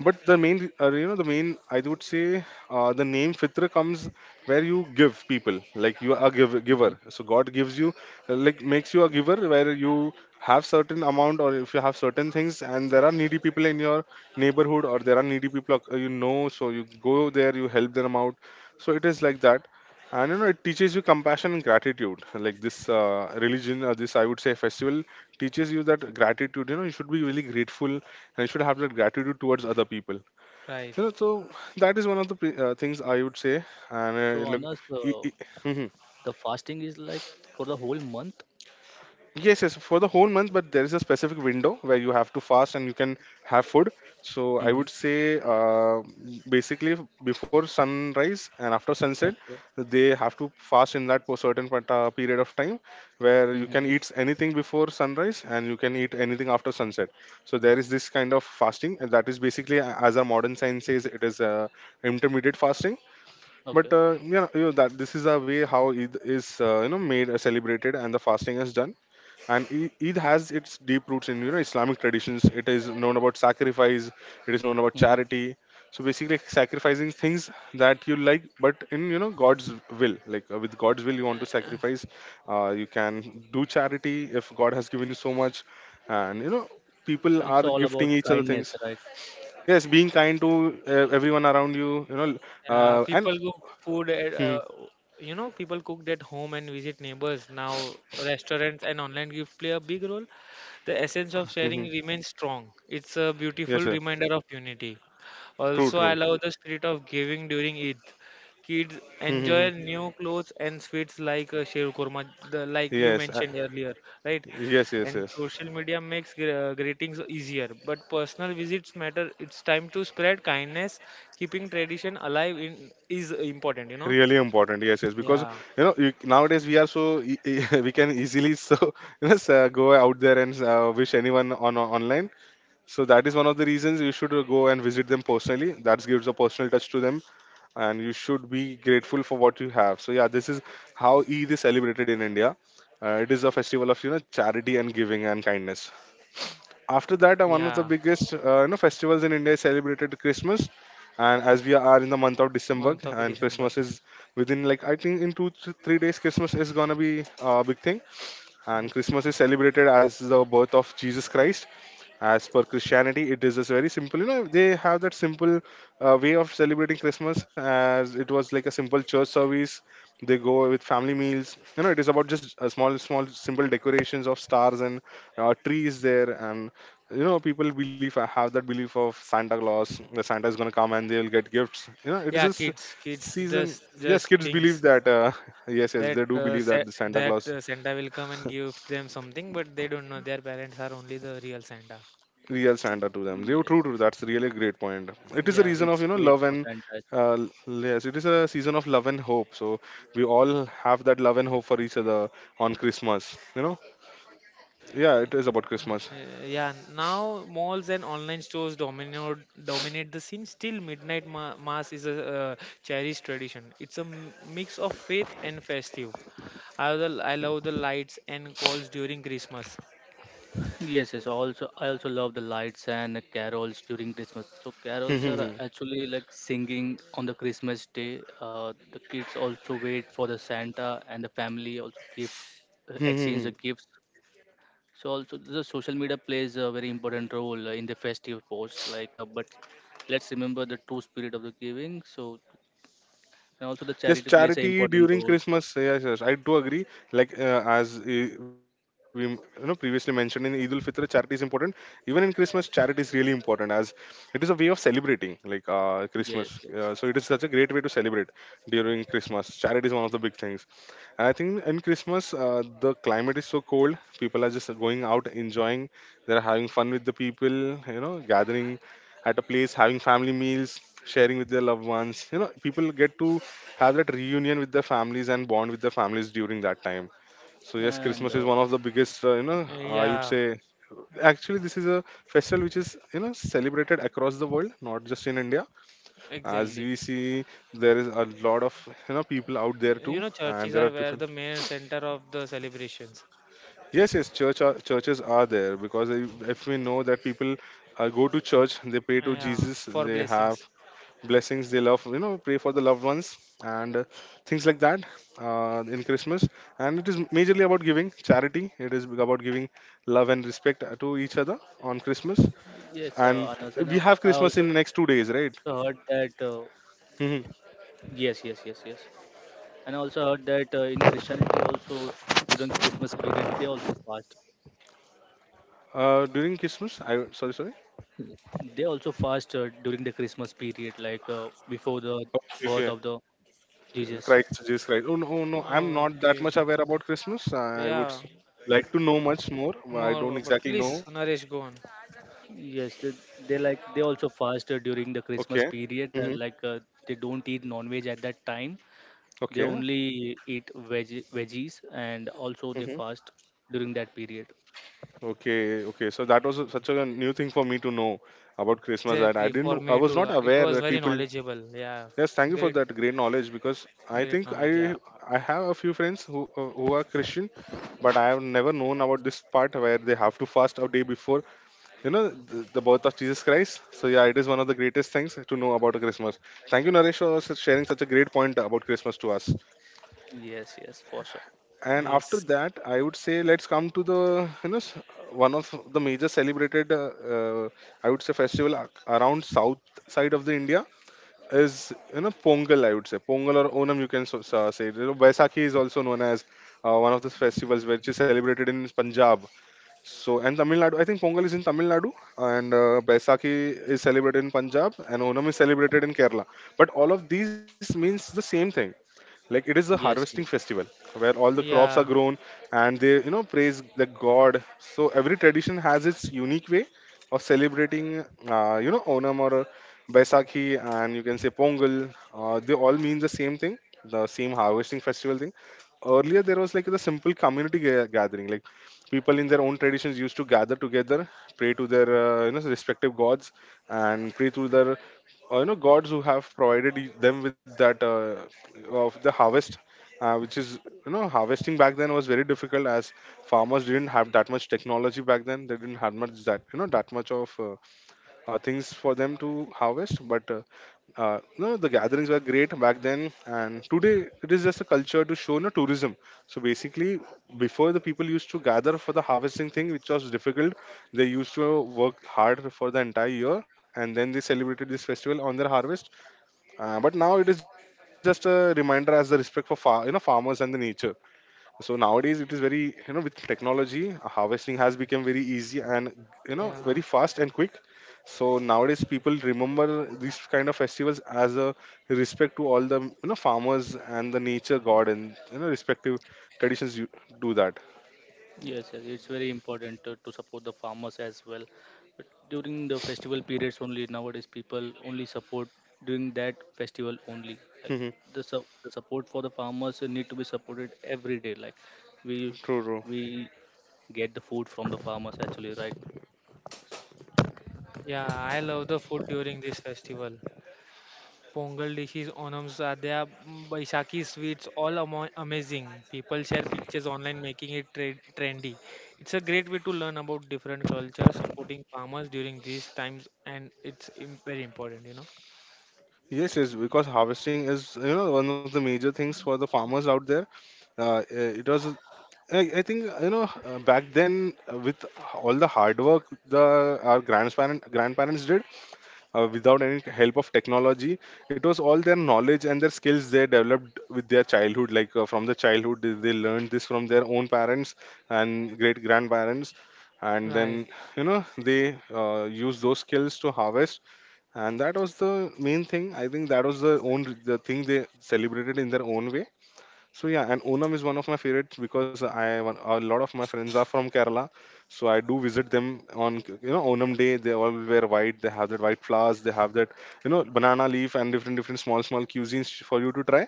Speaker 1: But the main, the main, I would say, the name Fitra comes where you give people, like you are a
Speaker 2: Mm-hmm.
Speaker 1: giver. So God gives you, like makes you a giver where you have certain amount, or if you have certain things and there are needy people in your neighborhood, or there are needy people you know, so you go there, you help them out. So it is like that. And you know, it teaches you compassion and gratitude. Like this religion, or this I would say festival teaches you that gratitude. You know, you should be really grateful and should have that gratitude towards other people,
Speaker 3: Right.
Speaker 1: you know. So that is one of the things I would say. And
Speaker 2: So,
Speaker 1: look
Speaker 2: Anas,
Speaker 1: e- e-
Speaker 2: the fasting is like for the whole month?
Speaker 1: Yes, yes, for the whole month, but there is a specific window where you have to fast and you can have food. So I
Speaker 2: Mm-hmm.
Speaker 1: would say, basically, before sunrise and after sunset,
Speaker 2: Okay.
Speaker 1: they have to fast in that certain period of time where you can
Speaker 2: Mm-hmm.
Speaker 1: eat anything before sunrise and you can eat anything after sunset. So there is this kind of fasting, and that is basically, as our modern science says, it is intermittent fasting.
Speaker 2: Okay.
Speaker 1: But yeah, you know, that this is a way how Eid is you know made celebrated and the fasting is done. And Eid has its deep roots in, you know, Islamic traditions. It is known about sacrifice. It is known about
Speaker 2: Mm-hmm.
Speaker 1: charity. So basically, like, sacrificing things that you like, but in, you know, God's will. Like with God's will, you want to sacrifice. You can do charity if God has given you so much, and you know, people
Speaker 2: So,
Speaker 1: are
Speaker 2: it's all about
Speaker 1: gifting each other
Speaker 2: kindness,
Speaker 1: things.
Speaker 2: right?
Speaker 1: Yes, being kind to everyone around you. You know,
Speaker 3: Yeah,
Speaker 2: Yes,
Speaker 1: and
Speaker 3: people
Speaker 2: yes.
Speaker 3: cook food at,
Speaker 1: mhm,
Speaker 3: you know, people cooked at home and visit neighbors. Now, restaurants and online gifts play a big role. The essence of sharing
Speaker 1: mhm.
Speaker 3: remains strong. It's a beautiful
Speaker 1: Yes, sir.
Speaker 3: reminder of unity.
Speaker 1: True,
Speaker 3: Also, I
Speaker 1: true.
Speaker 3: love the spirit of giving during Eid. Kids
Speaker 1: Mhm, mhm.
Speaker 3: enjoy new clothes and sweets like sheer kurma, like you
Speaker 1: Yes,
Speaker 3: mentioned earlier, right?
Speaker 1: yes, yes,
Speaker 3: And
Speaker 1: yes.
Speaker 3: social media makes greetings easier, but personal visits matter. It's time to spread kindness, keeping tradition alive in is important, you know.
Speaker 1: Really important, yes, yes. Because,
Speaker 3: Yeah,
Speaker 1: you know, you, nowadays we are so we can easily so go out there and wish anyone online. So that is one of the reasons you should go and visit them personally. That gives a personal touch to them, and you should be grateful for what you have. So yeah, this is how Eid is celebrated in India. It is a festival of, you know, charity and giving and kindness. After that, one of the
Speaker 3: yeah.
Speaker 1: biggest you know festivals in India is celebrated, Christmas. And as we are in the month of December
Speaker 3: Month of
Speaker 1: and
Speaker 3: December.
Speaker 1: Christmas is within, like, I think in 2 to 3 days, Christmas is gonna be a big thing.
Speaker 3: Mm.
Speaker 1: And Christmas is celebrated as the birth of Jesus Christ. As per Christianity, it is just very simple. You know, they have that simple way of celebrating Christmas. As it was like a simple church service, they go with family meals. You know, it is about just small small simple decorations of stars and trees there. And you know, people believe, have that belief of Santa Claus, the Santa is going to come and they will get gifts. You know, it is
Speaker 3: Yeah,
Speaker 1: just
Speaker 3: kids
Speaker 1: season. Yes,
Speaker 3: just
Speaker 1: kids believe
Speaker 3: thinks
Speaker 1: that, yes, yes,
Speaker 3: that
Speaker 1: they do believe that the Santa Claus,
Speaker 3: Santa will come and give them something, but they don't know their parents are only the real Santa.
Speaker 1: real Santa to them.
Speaker 2: Mm,
Speaker 1: Real,
Speaker 2: yes.
Speaker 1: true, true. That's really a great point. It
Speaker 3: Hmm,
Speaker 1: is a
Speaker 3: yeah.
Speaker 1: reason of,
Speaker 2: Kids
Speaker 1: you know,
Speaker 2: wait
Speaker 1: love
Speaker 2: for
Speaker 1: and
Speaker 2: Santa.
Speaker 1: yes, it is a season of love and hope. So we all have that love and hope for each other on Christmas. You know, yeah, it is about Christmas.
Speaker 3: Yeah, now malls and online stores dominate the scene. Still, midnight mass is a cherished tradition. It's a mix of faith and festive. I love the lights and calls during Christmas.
Speaker 2: Yes, yes. Also, I also love the lights and the carols during Christmas. So carols are actually like singing on the Christmas day. The kids also wait for the Santa, and the family also give exchange the gifts. So also the social media plays a very important role in the festive post. Like, but let's remember the true spirit of the giving. So and also the
Speaker 1: Yes,
Speaker 2: charity plays an
Speaker 1: charity
Speaker 2: important
Speaker 1: during
Speaker 2: role. So
Speaker 1: Christmas. Yes, yes, I do agree. Like as we, you know, previously mentioned in Eid ul Fitr, charity is important. Even in Christmas, charity is really important as it is a way of celebrating, like, Christmas.
Speaker 2: yes,
Speaker 1: So
Speaker 2: yes,
Speaker 1: it is such a great way to celebrate during Christmas. Charity is one of the big things. I think in Christmas, the climate is so cold. People are just going out, enjoying. They're having fun with the people, you know, gathering at a place, having family meals, sharing with their loved ones. You know, people get to have that reunion with their families and bond with their families during that time. So yes, Christmas
Speaker 2: and.
Speaker 1: is one of the biggest, you know, I would
Speaker 3: Yeah,
Speaker 1: say. Actually, this is a festival which is, you know, celebrated across the world, not just in India. As
Speaker 3: exactly.
Speaker 1: we
Speaker 2: Mhm.
Speaker 1: see, there is a lot of, you know, people out there
Speaker 3: You
Speaker 1: too,
Speaker 3: know,
Speaker 1: and
Speaker 3: churches
Speaker 1: there are
Speaker 3: are where
Speaker 1: different.
Speaker 3: the main center of the celebrations.
Speaker 1: Yes, yes, churches are there, because if we know that people go to church, they pray to
Speaker 3: Yeah,
Speaker 1: Jesus,
Speaker 3: for
Speaker 1: they have
Speaker 3: blessings.
Speaker 1: blessings, they love, you know, pray for the loved ones and things like that in Christmas. And it is majorly about giving charity. It is about giving love and respect to each other on Christmas.
Speaker 2: Yes,
Speaker 1: And
Speaker 2: Anas, and
Speaker 1: we
Speaker 2: I
Speaker 1: have Christmas
Speaker 2: also
Speaker 1: in
Speaker 2: heard
Speaker 1: next two
Speaker 2: that
Speaker 1: days, right? Mhm.
Speaker 2: yes, yes, yes, yes. And I also heard that in Christianity also during the Christmas period they also fast.
Speaker 1: During Christmas, I sorry, sorry.
Speaker 2: They also fast during the Christmas period, like before the birth
Speaker 1: Okay,
Speaker 2: of the Jesus.
Speaker 1: Christ, Jesus Christ. Oh no, oh, no, I'm not that
Speaker 3: Okay.
Speaker 1: much aware about Christmas. I would
Speaker 3: Yeah,
Speaker 1: like to know much more. I
Speaker 3: more,
Speaker 1: don't
Speaker 3: but
Speaker 1: exactly
Speaker 3: please,
Speaker 1: know.
Speaker 3: Naresh, go on.
Speaker 2: Yes, they like they also fast during the Christmas
Speaker 1: Okay.
Speaker 2: period.
Speaker 1: Mm-hmm.
Speaker 2: Like they don't eat non-veg at that time. They
Speaker 1: Okay.
Speaker 2: only eat veg veggies, and also they
Speaker 1: Mm-hmm.
Speaker 2: fast during that period.
Speaker 1: Okay. Okay. So that was such a new thing for me to know about Christmas that I
Speaker 3: Exactly,
Speaker 1: didn't
Speaker 3: for
Speaker 1: I
Speaker 3: me
Speaker 1: was
Speaker 3: too.
Speaker 1: not
Speaker 3: It
Speaker 1: aware
Speaker 3: was
Speaker 1: that
Speaker 3: very
Speaker 1: people.
Speaker 3: knowledgeable. Yeah,
Speaker 1: Yes, thank you for
Speaker 3: great.
Speaker 1: that great knowledge, because I
Speaker 3: Great
Speaker 1: think
Speaker 3: knowledge, yeah.
Speaker 1: I have a few friends who are Christian, but I have never known about this part where they have to fast a day before, you know, the birth of Jesus Christ. So yeah, it is one of the greatest things to know about Christmas. Thank you, Naresh, for sharing such a great point about Christmas to us.
Speaker 2: Yes, yes, for sure.
Speaker 1: And after
Speaker 3: Yes.
Speaker 1: that, I would say let's come to the, you know s- one of the major celebrated uh, I would say festival, around south side of the India is, you know, Pongal. I would say Pongal or Onam, you can say, you know, Baisakhi is also known as one of the festivals which is celebrated in Punjab. So, and Tamil Nadu, I think Pongal is in Tamil Nadu, and Baisakhi is celebrated in Punjab, and Onam is celebrated in Kerala. But all of these means the same thing, like it is a harvesting
Speaker 2: Yes, yes.
Speaker 1: festival where all the crops are
Speaker 3: Yeah,
Speaker 1: grown and they, you know, praise the god. So every tradition has its unique way of celebrating you know Onam or Baisakhi, and you can say Pongal. They all mean the same thing, the same harvesting festival thing. Earlier there was like the simple community gathering, like people in their own traditions used to gather together, pray to their you know respective gods, and pray to their you know gods who have provided them with that of the harvest, which is, you know, harvesting back then was very difficult, as farmers didn't have that much technology back then. They didn't have much that, you know, that much of things for them to harvest. But you know, the gatherings were great back then, and today it is just a culture to show, you know, tourism. So basically, before, the people used to gather for the harvesting thing, which was difficult. They used to work hard for the entire year, and then they celebrated this festival on their harvest. But now it is just a reminder as the respect for you know, farmers and the nature. So nowadays, it is very, you know, with technology harvesting has become very easy and, you know,
Speaker 3: yeah,
Speaker 1: very fast and quick. So nowadays people remember these kind of festivals as a respect to all the, you know, farmers and the nature god, and you know respective traditions you do that.
Speaker 2: Yes, yes, it's very important to support the farmers as well. But during the festival periods only, nowadays people only support during that festival only. Like
Speaker 1: Mhm.
Speaker 2: the support for the farmers need to be supported every day. Like we
Speaker 1: True, true.
Speaker 2: we get the food from the farmers actually, right?
Speaker 3: yeah, I love the food during this festival. Pongal dishes, Onam sadhya, Baisakhi sweets, all amo amazing. People share pictures online, making it trendy. It's a great way to learn about different cultures, supporting farmers during these times, and it's im very important, you know.
Speaker 1: Yes, yes, because harvesting is, you know, one of the major things for the farmers out there. It was I think, you know, back then, with all the hard work the our grandparents grandparents did, without any help of technology. It was all their knowledge and their skills they developed with their childhood, like, from the childhood they learned this from their own parents and great grandparents. And then,
Speaker 3: Right.
Speaker 1: you know, they use those skills to harvest, and that was the main thing. I think that was the own the thing they celebrated in their own way. So yeah, and Onam is one of my favorites, because I a lot of my friends are from Kerala, so I do visit them on, you know, Onam day. They all wear white. They have that white flowers. They have that, you know, banana leaf and different different small small cuisines for you to try.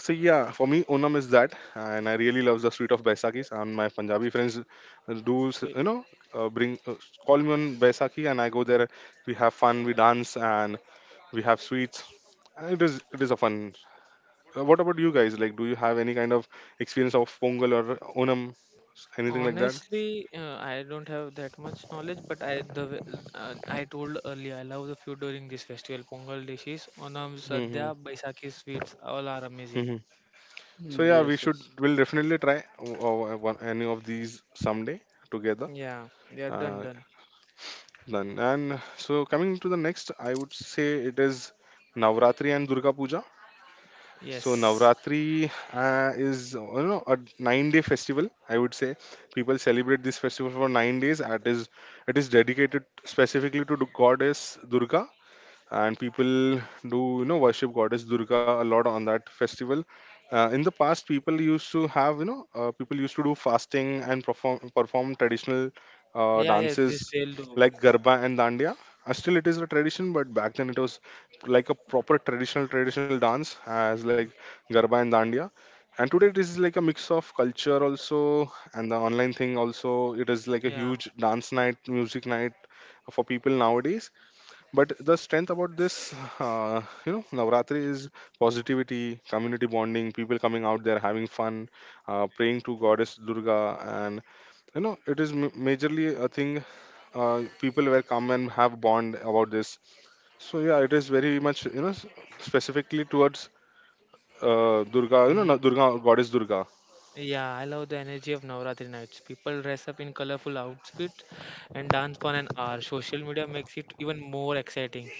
Speaker 1: So yeah, for me Onam is that, and I really love the sweet of Baisakis. And my Punjabi friends do s- you know bring call me on Baisakhi, and I go there. We have fun. We dance and we have sweets. And it is a fun What about you guys? Like, do you have any kind of experience of Pongal or Onam, anything like that?
Speaker 3: Honestly, I don't have that much knowledge, but I told earlier I love the food during this festival. Pongal dishes, Onam,
Speaker 1: Hmm,
Speaker 3: Sadhya, Baisakhi sweets, all are
Speaker 1: hmm.
Speaker 3: amazing.
Speaker 1: So
Speaker 2: Mm,
Speaker 1: yeah, we
Speaker 2: yes,
Speaker 1: should.
Speaker 2: yes,
Speaker 1: We'll definitely try one, any of these someday together.
Speaker 3: Yeah, they are done
Speaker 1: Uh,
Speaker 3: done.
Speaker 1: Done. And so coming to the next, I would say it is Navratri and Durga Puja. So
Speaker 3: Yes.
Speaker 1: Navratri is a 9-day festival. I would say people celebrate this festival for 9 days. It is dedicated specifically to the goddess Durga, and people do worship goddess Durga a lot on that festival. In the past, people used to do fasting and perform traditional
Speaker 3: Yeah, yeah, this
Speaker 1: dances
Speaker 3: they'll do.
Speaker 1: like garba and dandiya. Still it is a tradition, but back then it was like a proper traditional dance, as like garba and dandiya. And today it is like a mix of culture also, and the online thing also. It is like a
Speaker 3: Yeah.
Speaker 1: huge dance night, music night for people nowadays. But the strength about this, Navratri, is positivity, community bonding, people coming out there having fun, praying to goddess Durga, and it is majorly a thing. People were come and have bond about this. So yeah, it is very much specifically towards Durga, Durga, goddess Durga.
Speaker 3: Yeah, I love the energy of Navratri nights. People dress up in colorful outfits and dance for an hour. Social media makes it even more exciting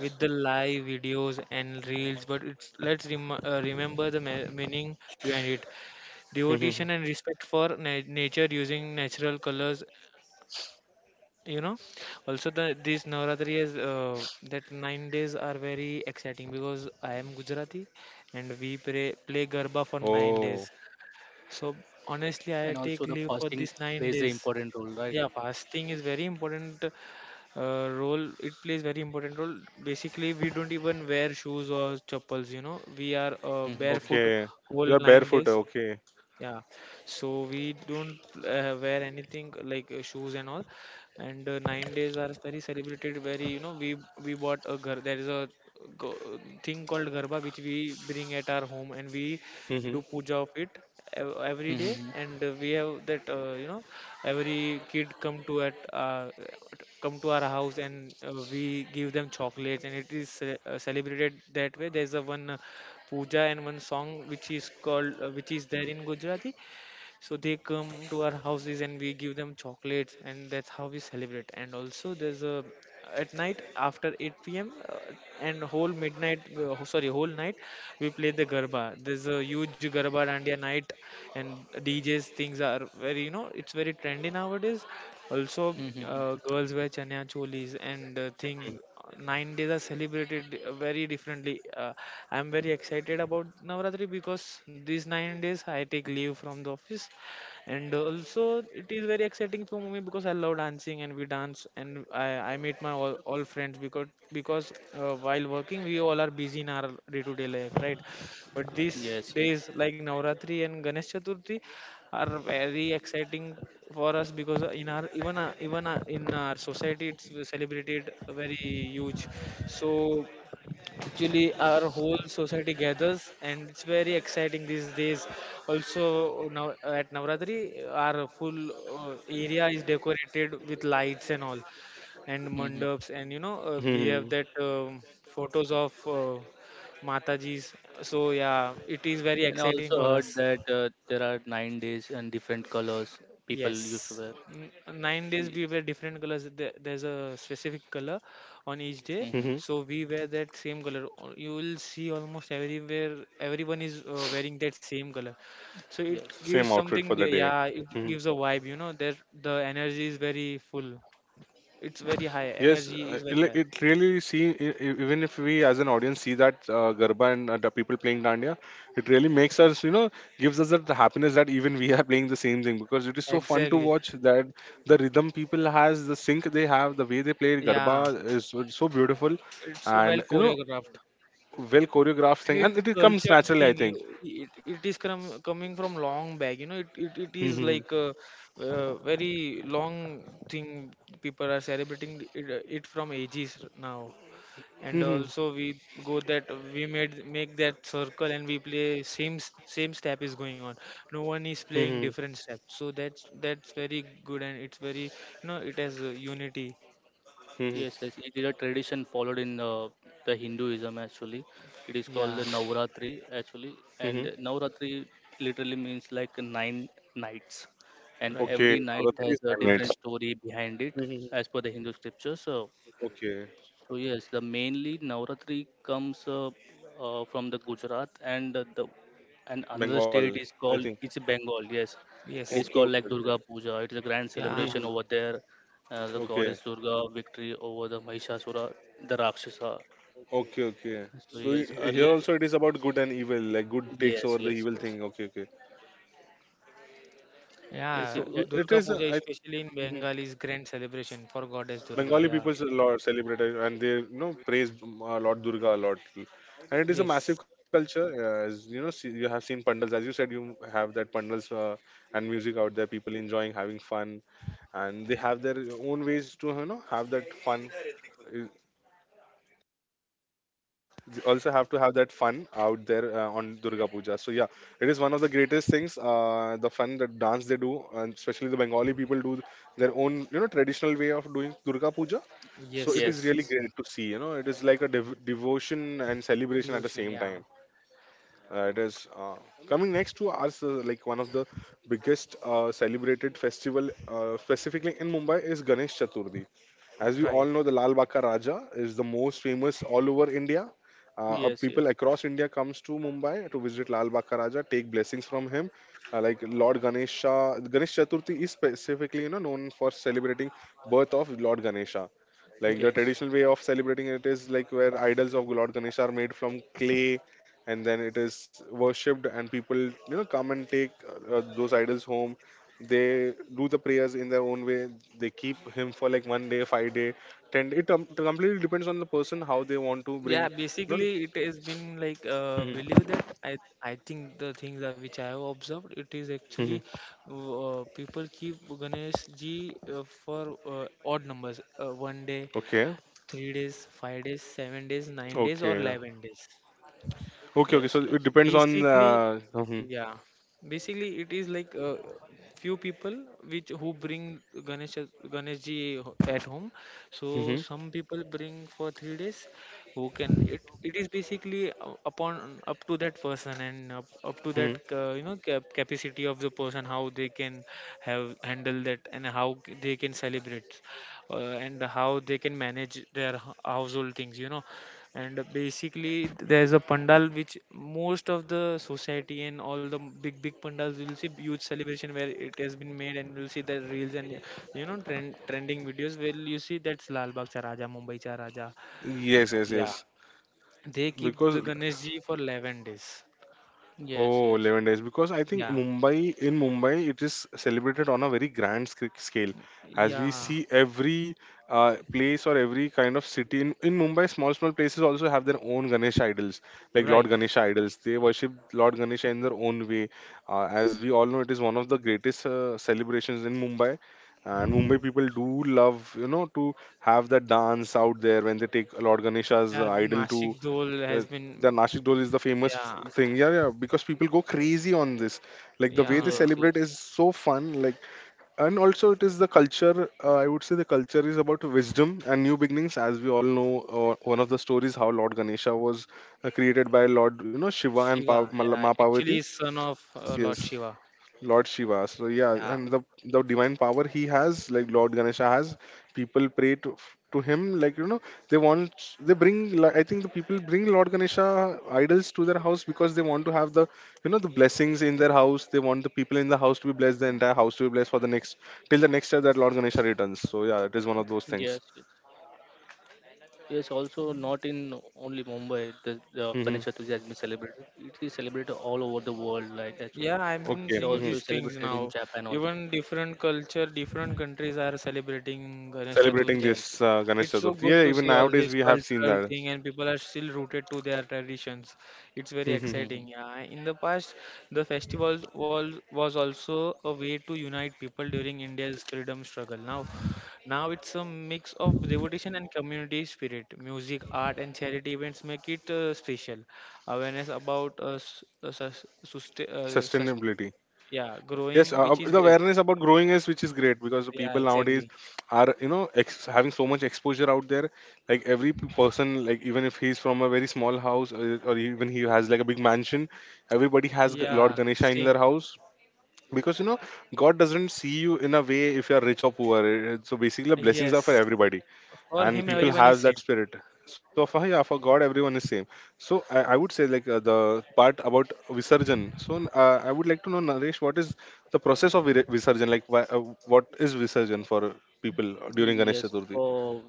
Speaker 3: with the live videos and reels. But it's, let's remember the me meaning behind it. Devotion
Speaker 1: Mhm.
Speaker 3: and respect for na nature using natural colors. You know, also the this Navratri is that 9 days are very exciting because I am Gujarati and we play Garba for
Speaker 1: Oh,
Speaker 3: 9 days. So honestly, I
Speaker 2: and
Speaker 3: take
Speaker 2: also the
Speaker 3: leave for
Speaker 2: fasting
Speaker 3: these nine
Speaker 2: plays an
Speaker 3: days.
Speaker 2: important role, right?
Speaker 3: Yeah, fasting is very important role. It plays very important role. Basically, we don't even wear shoes or chappals. You know, we are
Speaker 2: Mm-hmm.
Speaker 3: barefoot
Speaker 1: okay. You
Speaker 3: whole
Speaker 1: are
Speaker 3: nine
Speaker 1: barefoot.
Speaker 3: days.
Speaker 1: Okay.
Speaker 3: Yeah, so we don't wear anything like shoes and all, and 9 days are very celebrated very, you know, we bought a ghar. There is a go- thing called garba which we bring at our home, and we do
Speaker 1: Mhm.
Speaker 3: puja of it every day.
Speaker 2: Mm-hmm.
Speaker 3: And we have that, you know, every kid come to at come to our house, and we give them chocolates, and it is celebrated that way. There's a one puja and one song which is called, which is there in Gujarati. So they come to our houses and we give them chocolates, and that's how we celebrate. And also, there's a, at night after 8 p.m., and whole midnight, sorry, whole night, we play the garba. There's a huge garba dandiya night, and DJs things are very, you know, it's very trendy nowadays. Also,
Speaker 2: Mm-hmm. Mm-hmm.
Speaker 3: girls wear chanya cholis and thing 9 days are celebrated very differently. I'm very excited about Navratri because these 9 days I take leave from the office, and also it is very exciting for me because I love dancing and we dance, and I meet my all friends, because while working we all are busy in our day-to-day life, right? But these
Speaker 2: Yes, yes.
Speaker 3: days like Navratri and Ganesh Chaturthi are very exciting for us because in our society it's celebrated very huge. So actually our whole society gathers and it's very exciting these days. Also, now at Navratri, our full area is decorated with lights and all, and
Speaker 2: Mm-hmm.
Speaker 3: mandaps, and you know,
Speaker 1: Mhm.
Speaker 3: we have that, photos of, mataji's. So yeah, it is very
Speaker 2: And I
Speaker 3: exciting for
Speaker 2: also
Speaker 3: us.
Speaker 2: heard that there are 9 days and different colors people used to
Speaker 3: Yes,
Speaker 2: wear.
Speaker 3: N- 9 days
Speaker 2: Ye-
Speaker 3: we wear different colors. There's a specific color on each day,
Speaker 2: mhm.
Speaker 1: Mhm.
Speaker 3: so we wear that same color. You will see almost everywhere everyone is wearing that same color. So it
Speaker 2: Yes,
Speaker 3: gives
Speaker 1: Same outfit for
Speaker 3: something,
Speaker 1: the day.
Speaker 3: yeah, it
Speaker 1: Hmm, hmm.
Speaker 3: gives a vibe, you know, that the energy is very full. It's very high.
Speaker 1: Yes,
Speaker 3: Energy is very
Speaker 1: like
Speaker 3: high.
Speaker 1: it really even if we as an audience see that Garba and the people playing Dandiya, it really makes us you know gives us that happiness that even we are playing the same thing, because it is so fun to
Speaker 3: Exactly.
Speaker 1: watch that the rhythm people has, the sync they have, the way they play Garba
Speaker 3: Yeah,
Speaker 1: is so, so beautiful.
Speaker 3: it's well
Speaker 1: And
Speaker 3: choreographed.
Speaker 1: well choreographed
Speaker 3: And
Speaker 1: thing, and
Speaker 3: it's
Speaker 1: it comes
Speaker 3: cultured
Speaker 1: naturally, I
Speaker 3: thing,
Speaker 1: think.
Speaker 3: it is coming from long back, you know. It is
Speaker 1: Hmm,
Speaker 3: like a, uh, very long thing. People are celebrating it, it from ages now.
Speaker 1: hmm,
Speaker 3: And
Speaker 1: hmm,
Speaker 3: also we go that we made make that circle and we play same same step is going on. No one is
Speaker 1: hmm,
Speaker 3: playing
Speaker 1: hmm,
Speaker 3: different step. So that's very good, and it's very, you know, it has a unity.
Speaker 1: hmm, hmm,
Speaker 2: yes, yes. It is a tradition followed in the Hinduism actually. It is called the
Speaker 3: Yeah.
Speaker 2: Navratri actually, and
Speaker 1: hmm.
Speaker 2: Navratri literally means like nine nights, and
Speaker 3: Right.
Speaker 1: Okay,
Speaker 2: every night
Speaker 1: Navratri
Speaker 2: has
Speaker 1: is
Speaker 2: a
Speaker 1: 9 nights.
Speaker 2: different story behind it
Speaker 1: Hmm,
Speaker 2: as
Speaker 1: hmm,
Speaker 2: per the Hindu scriptures. So
Speaker 1: hmm. Okay.
Speaker 2: so yes, the mainly Navratri comes from the Gujarat and the and another
Speaker 1: Bengal,
Speaker 2: state is
Speaker 1: I
Speaker 2: called
Speaker 1: think.
Speaker 2: it's Bengal. Yes, it
Speaker 3: Yes.
Speaker 2: is
Speaker 1: Okay, okay,
Speaker 2: called like
Speaker 1: okay.
Speaker 2: Durga Puja. It is a grand
Speaker 3: Yeah.
Speaker 2: celebration
Speaker 1: Mhm.
Speaker 2: over there. The
Speaker 1: Okay,
Speaker 2: goddess Durga victory over the Mahishasura, the Rakshasa. So
Speaker 1: okay, okay. So
Speaker 2: yes,
Speaker 1: here
Speaker 2: earlier
Speaker 1: also it is about good and evil, like good takes
Speaker 2: yes
Speaker 1: over the
Speaker 2: yes
Speaker 1: evil
Speaker 2: yes
Speaker 1: thing. Okay, okay.
Speaker 2: yes yes
Speaker 3: Yeah,
Speaker 2: it, yeah,
Speaker 1: So it
Speaker 3: Durga
Speaker 1: is,
Speaker 3: Puja,
Speaker 1: I.
Speaker 3: especially in
Speaker 1: Mhm.
Speaker 3: Bengal, is grand celebration for goddess Durga.
Speaker 1: Bengali
Speaker 3: Yeah,
Speaker 1: people a lot celebrate it, and they praise Lord Durga a lot, and it is a massive
Speaker 3: yes,
Speaker 1: culture. As you know, see, you have seen pandals, as you said. You have that pandals and music out there, people enjoying, having fun, and they have their own ways to have that fun. Also have to have that fun out there on Durga Puja. So yeah, it is one of the greatest things. The fun that dance they do, and especially the Bengali people do their own, traditional way of doing Durga Puja. So
Speaker 3: yes,
Speaker 1: it
Speaker 2: yes
Speaker 1: is
Speaker 3: yes.
Speaker 1: really
Speaker 2: yes
Speaker 1: great to see. It is like a devotion and celebration at the
Speaker 3: Devotion.
Speaker 1: same
Speaker 3: Yeah.
Speaker 1: time. It is Coming next to us, like one of the biggest celebrated festival, specifically in Mumbai, is Ganesh Chaturthi. As we all
Speaker 3: Right.
Speaker 1: know, the Lal Baka Raja is the most famous all over India.
Speaker 2: yes
Speaker 1: People
Speaker 2: yes
Speaker 1: across India comes to Mumbai to visit Lal Baka Raja, take blessings from him. Like Lord Ganesha, Ganesh Chaturthi is specifically known for celebrating birth of Lord Ganesha. Like the
Speaker 2: yes
Speaker 1: traditional way of celebrating it is like where idols of Lord Ganesha are made from clay, and then it is worshipped, and people come and take those idols home. They do the prayers in their own way. They keep him for like 1 day, 5 day, ten, it completely depends on the person how they want to bring
Speaker 3: Yeah,
Speaker 1: you know
Speaker 3: basically it has been like, believe
Speaker 1: Mhm.
Speaker 3: that I think the things that which I have observed, it is actually,
Speaker 1: Mhm.
Speaker 3: people keep Ganesh Ji for odd numbers, one day,
Speaker 1: Okay,
Speaker 3: 3 days, 5 days, 7 days, 9 days, or
Speaker 1: okay,
Speaker 3: 11 days.
Speaker 1: okay, okay,
Speaker 2: yes yes
Speaker 1: so it
Speaker 2: yes
Speaker 1: depends on,
Speaker 3: Basically,
Speaker 1: mhm.
Speaker 3: yeah, basically it is like, few people which who bring ganesh Ganesh Ji at home. So
Speaker 1: Mhm.
Speaker 3: some people bring for 3 days. Who can it, it is basically upon up to that person and up to that,
Speaker 1: Mhm.
Speaker 3: you know, capacity of the person, how they can have handle that and how they can celebrate, and how they can manage their household things, you know. And basically there's a pandal which most of the society and all the big pandals, you'll see huge celebration where it has been made, and you'll see the reels and, you know, trending videos where you see that's Lal Bagh Cha Raja, Mumbai Cha Raja. Eh,
Speaker 1: Yes, yes,
Speaker 3: yeah,
Speaker 1: yes,
Speaker 3: they keep
Speaker 1: because
Speaker 3: the Ganesh Ji for 11 days.
Speaker 2: yes
Speaker 1: oh,
Speaker 2: yes
Speaker 1: 11 days. Because I think
Speaker 3: Yeah.
Speaker 1: Mumbai, in Mumbai, it is celebrated on a very grand scale. As we
Speaker 3: Yeah.
Speaker 1: see every place or every kind of city in Mumbai, small, small places also have their own Ganesh idols, like Lord
Speaker 3: Right.
Speaker 1: Ganesha idols. They worship Lord Ganesha in their own way. As we all know, it is one of the greatest celebrations in Mumbai. And Mumbai people do love, to have the dance out there when they take Lord Ganesha's
Speaker 3: Yeah,
Speaker 1: idol
Speaker 3: Nashik
Speaker 1: to,
Speaker 3: dole
Speaker 1: uh,
Speaker 3: has been.
Speaker 1: the Nashik Dol
Speaker 3: Mm,
Speaker 1: is the famous
Speaker 3: yeah,
Speaker 1: thing. Yeah, yeah, because people go crazy on this. Like the way they
Speaker 3: yeah,
Speaker 1: celebrate is so fun. Like, and also it is the culture. I would say the culture is about wisdom and new beginnings. As we all know, one of the stories how Lord Ganesha was created by Lord, Shiva and
Speaker 3: Shiva,
Speaker 1: Ma
Speaker 3: yeah,
Speaker 1: Parvati.
Speaker 3: actually he's son of, Lord
Speaker 1: Yes.
Speaker 3: Shiva.
Speaker 1: Lord Shiva. So yeah,
Speaker 3: Yeah,
Speaker 1: and the divine power he has, like Lord Ganesha has, people pray to him. Like, they bring. Like, I think the people bring Lord Ganesha idols to their house because they want to have the the blessings in their house. They want the people in the house to be blessed, the entire house to be blessed, for the next till the next year that Lord Ganesha returns. So yeah, it is one of those
Speaker 2: yes
Speaker 1: things.
Speaker 2: yes. Yes, also not in only Mumbai, the
Speaker 1: Hmm.
Speaker 2: Ganesh Chaturthi has been celebrated. It is celebrated all over the world, like actually.
Speaker 3: Yeah, I've been
Speaker 1: Okay.
Speaker 2: It
Speaker 3: seeing
Speaker 1: Hmm.
Speaker 3: these
Speaker 2: also is
Speaker 3: things
Speaker 2: celebrated in
Speaker 3: now.
Speaker 2: Japan also.
Speaker 3: Even different culture, different countries are celebrating Ganesh
Speaker 1: Celebrating
Speaker 3: Chaturthi.
Speaker 2: Yes.
Speaker 1: this Ganesh
Speaker 3: It's so
Speaker 1: Chaturthi.
Speaker 3: good
Speaker 1: Yeah,
Speaker 3: to
Speaker 1: even
Speaker 3: see all
Speaker 1: nowadays
Speaker 3: this
Speaker 1: we have seen
Speaker 3: cultural
Speaker 1: that.
Speaker 3: thing and people are still rooted to their traditions. It's very
Speaker 1: Hmm.
Speaker 3: exciting.
Speaker 2: Mm-hmm.
Speaker 3: Yeah, in the past, the festival was also a way to unite people during India's freedom struggle. Now, now it's a mix of devotion and community spirit. Music, art, and charity events make it, special. Awareness about,
Speaker 1: Sustainability.
Speaker 3: yeah,
Speaker 1: Yes,
Speaker 3: growing, which is
Speaker 1: the
Speaker 3: great.
Speaker 1: awareness about growing is which is great, because the
Speaker 3: Yeah,
Speaker 1: people nowadays
Speaker 3: exactly.
Speaker 1: are having so much exposure out there. Like every person, like even if he's from a very small house or even he has like a big mansion, everybody has
Speaker 2: Mm-hmm.
Speaker 3: Yeah,
Speaker 1: Lord Ganesha in
Speaker 3: same.
Speaker 1: their house, because God doesn't see you in a way if you're rich or poor. So basically, the blessings are for
Speaker 3: Yes.
Speaker 1: everybody,
Speaker 3: For
Speaker 1: and
Speaker 3: him,
Speaker 1: people
Speaker 2: Yes,
Speaker 3: everyone is
Speaker 1: have
Speaker 2: yes.
Speaker 1: that
Speaker 3: same.
Speaker 1: spirit. So for yeah, for God, everyone is same. So I would say, like the part about Visarjan. So I would like to know, Naresh, what is the process of Visarjan. Like, why, what is Visarjan for people during Ganesh
Speaker 2: Yes,
Speaker 1: Chaturthi?
Speaker 2: for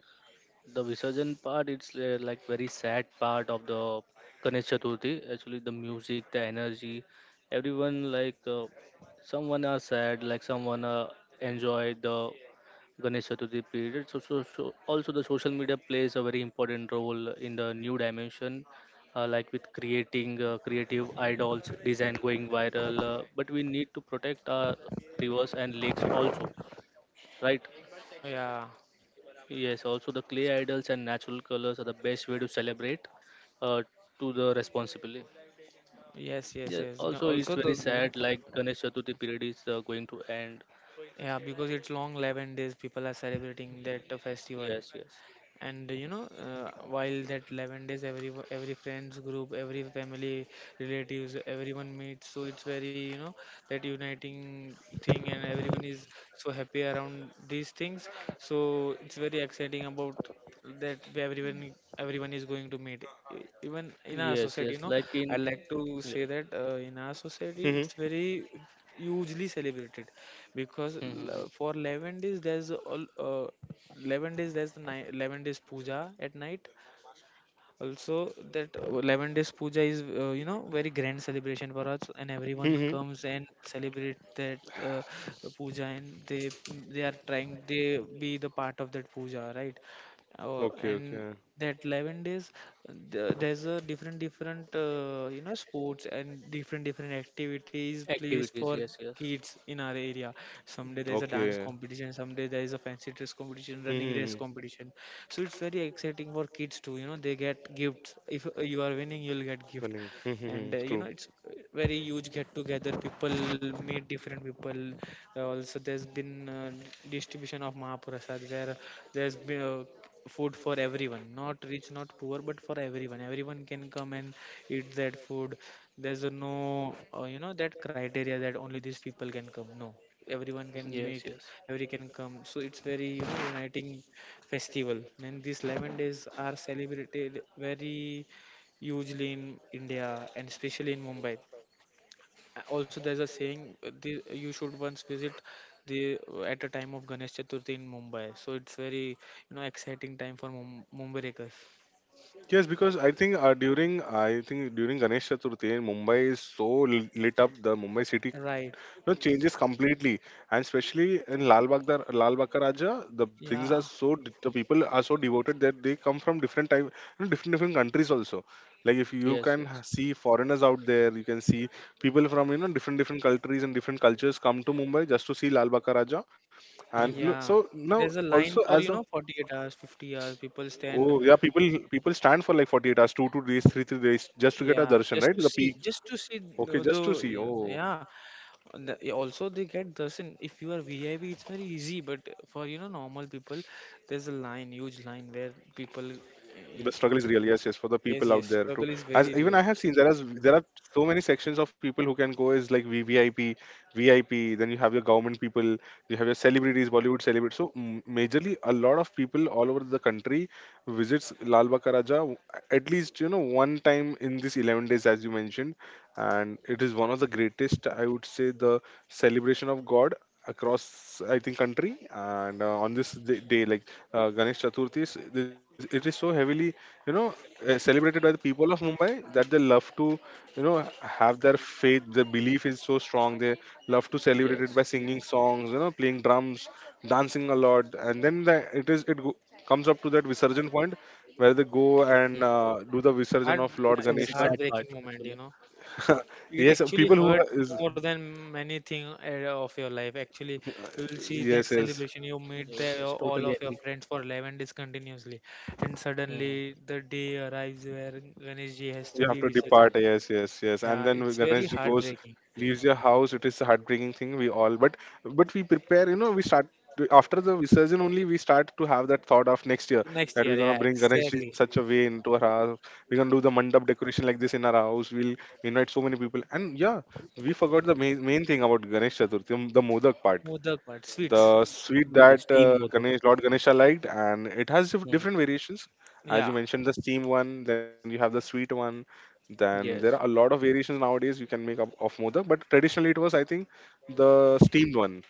Speaker 2: the Visarjan part, it's like very sad part of the Ganesh Chaturthi. Actually, the music, the energy, everyone like someone are sad, like someone enjoy the Ganesh Chaturthi period. So, so also the social media plays a very important role in the new dimension, like with creating creative idols, design going viral. But we need to protect our rivers and lakes also, right?
Speaker 3: Yeah.
Speaker 2: Yes. Also, the clay idols and natural colors are the best way to celebrate uh, to the responsibly.
Speaker 3: Yes, yes,
Speaker 2: Yeah.
Speaker 3: yes.
Speaker 2: Also,
Speaker 3: Also,
Speaker 2: it's very
Speaker 3: the, you know,
Speaker 2: sad. Like Ganesh Chaturthi period is going to end.
Speaker 3: yeah, because it's long 11 days, people are celebrating that, festival.
Speaker 2: Yes. Yes.
Speaker 3: And you know, while that 11 days, every friends group, every family, relatives, everyone meets. So it's very, you know, that uniting thing, and everyone is so happy around these things. So it's very exciting about that everyone, everyone is going to meet. Even in our
Speaker 2: Yes.
Speaker 3: society,
Speaker 2: Yes.
Speaker 3: you know,
Speaker 2: Like
Speaker 3: I
Speaker 2: in.
Speaker 3: like to say
Speaker 2: Yes.
Speaker 3: that, in our society it's
Speaker 1: Mm-hmm.
Speaker 3: very hugely celebrated because,
Speaker 2: Mm-hmm. Mm-hmm.
Speaker 3: for 11 days there's all, 11 days there's the, 11 days puja at night also. That, 11 days puja is, you know, very grand celebration for us, and everyone
Speaker 1: Mm-hmm.
Speaker 3: comes and celebrate that, uh, puja, and they are trying, they be the part of that puja, right? Oh,
Speaker 1: Okay,
Speaker 3: and
Speaker 1: okay,
Speaker 3: that 11 days, there's a different, different, you know, sports and different, different activities placed
Speaker 2: Activities,
Speaker 3: for
Speaker 2: yes, yes,
Speaker 3: kids in our area. Someday there's a dance
Speaker 1: okay.
Speaker 3: competition, someday there is a fancy dress competition, running race
Speaker 1: Mm-hmm.
Speaker 3: competition. So it's very exciting for kids too, you know, they get gifts. If, you are winning, you'll get gift.
Speaker 1: Mm-hmm.
Speaker 3: And,
Speaker 1: Mm-hmm.
Speaker 3: you know,
Speaker 1: True.
Speaker 3: it's, very huge get together. People meet different people. Also, there's been, distribution of Mahaprasad, where there's been, food for everyone, not rich, not poor, but for everyone. Everyone can come and eat that food. There's a no, you know, that criteria that only these people can come. No, everyone can meet,
Speaker 2: yes, yes,
Speaker 3: every can come. So it's very, you know, uniting festival, and these 11 days are celebrated very hugely in India, and especially in Mumbai. Also, there's a saying, you should once visit the, at a time of Ganesh Chaturthi in Mumbai. So it's very, you know, exciting time for Mumbaikers.
Speaker 1: Yes, because I think during Ganesh Chaturthi, Mumbai is so lit up. The Mumbai city,
Speaker 3: Right.
Speaker 1: changes completely, and especially in Lal Bagh Ka Raja, the things
Speaker 3: Yeah.
Speaker 1: are so the people are so devoted that they come from different type, different different countries also. Like if you
Speaker 2: yes,
Speaker 1: can
Speaker 2: yes.
Speaker 1: see foreigners out there, you can see people from different different countries and different cultures come to Mumbai just to see Lal Bagh Ka Raja, and look,
Speaker 2: Hmm.
Speaker 3: Yeah.
Speaker 1: so now
Speaker 3: There's a
Speaker 1: also
Speaker 3: line for,
Speaker 1: as
Speaker 3: you
Speaker 1: a.
Speaker 3: know, 48 hours, 50 hours. People stand.
Speaker 1: Oh, yeah, people stand for like 48 hours, two days, three days, just to get a
Speaker 3: Yeah,
Speaker 1: darshan, right? The peak.
Speaker 3: just to see the,
Speaker 1: Okay,
Speaker 3: the
Speaker 1: just to see.
Speaker 3: yeah,
Speaker 1: Oh,
Speaker 3: yeah. And also, they get this in, if you are VIP, it's very easy. But for, you know, normal people, there's a line, huge line where people.
Speaker 1: the struggle is
Speaker 3: Eh,
Speaker 1: real. Yes, yes, for the people out
Speaker 3: yes,
Speaker 1: there too.
Speaker 3: yes, struggle
Speaker 1: As
Speaker 3: is
Speaker 1: even I
Speaker 3: very
Speaker 1: have
Speaker 3: real.
Speaker 1: seen, there are so many sections of people who can go is like VVIP, VIP. Then you have your government people, you have your celebrities, Bollywood celebrities. So majorly, a lot of people all over the country visits Lal Bagh Ka Raja, at least one time in these 11 days, as you mentioned, and it is one of the greatest, I would say, the celebration of God across, I think, country. And on this day, like Ganesh Chaturthi is, this, it is so heavily you know celebrated by the people of Mumbai that they love to have their faith. Their belief is so strong, they love to celebrate it
Speaker 2: Yes.
Speaker 1: by singing songs, playing drums, dancing a lot. And then the, it is it go, comes up to that Visarjan point where they go and
Speaker 2: Hmm.
Speaker 1: do the
Speaker 3: Heart,
Speaker 1: Visarjan of
Speaker 2: It's a
Speaker 1: Lord
Speaker 2: very
Speaker 3: it's
Speaker 2: sad
Speaker 1: Ganesha.
Speaker 2: part
Speaker 3: heartbreaking moment, you
Speaker 2: actually.
Speaker 3: know. It
Speaker 1: Yes,
Speaker 3: actually
Speaker 1: people who
Speaker 3: hurts
Speaker 1: is.
Speaker 3: more than many thing, of your life. Actually, you will see that
Speaker 1: Yes, yes.
Speaker 3: celebration. You meet the,
Speaker 2: Yes, yes,
Speaker 3: your, all
Speaker 2: totally
Speaker 3: of your
Speaker 2: agree.
Speaker 3: friends for 11 days continuously, and suddenly
Speaker 2: Hmm.
Speaker 3: the day arrives where Ganeshji has to
Speaker 1: You
Speaker 3: be
Speaker 1: have to
Speaker 3: Visarjan.
Speaker 1: depart. Yes, yes, yes.
Speaker 3: Yeah,
Speaker 1: And then
Speaker 3: it's
Speaker 1: when
Speaker 3: very
Speaker 1: Ganeshji goes,
Speaker 3: heartbreaking.
Speaker 1: leaves your house, it is a heartbreaking thing. We all, but we prepare. You know, we start after the visurgin only. We start to have that thought of next year,
Speaker 3: Next
Speaker 1: that
Speaker 3: year,
Speaker 1: we're
Speaker 3: yeah,
Speaker 1: gonna bring Ganeshji in
Speaker 3: exactly.
Speaker 1: such a way into our house. We're gonna do the mandap decoration like this in our house. We'll invite so many people. And yeah, we forgot the main thing about Ganesh Chaturthi, the modak part,
Speaker 3: Modak part, sweets.
Speaker 1: the sweet
Speaker 2: Yeah, the
Speaker 1: that
Speaker 2: steam modak.
Speaker 1: Ganesh, Lord Ganesha liked, and it has
Speaker 2: Hmm.
Speaker 1: different variations.
Speaker 3: Yeah,
Speaker 1: As you mentioned, the steam one, then you have the sweet one. Then there are a
Speaker 2: Yes,
Speaker 1: lot of variations nowadays you can make up of modak, but traditionally it was, I think, the steamed one,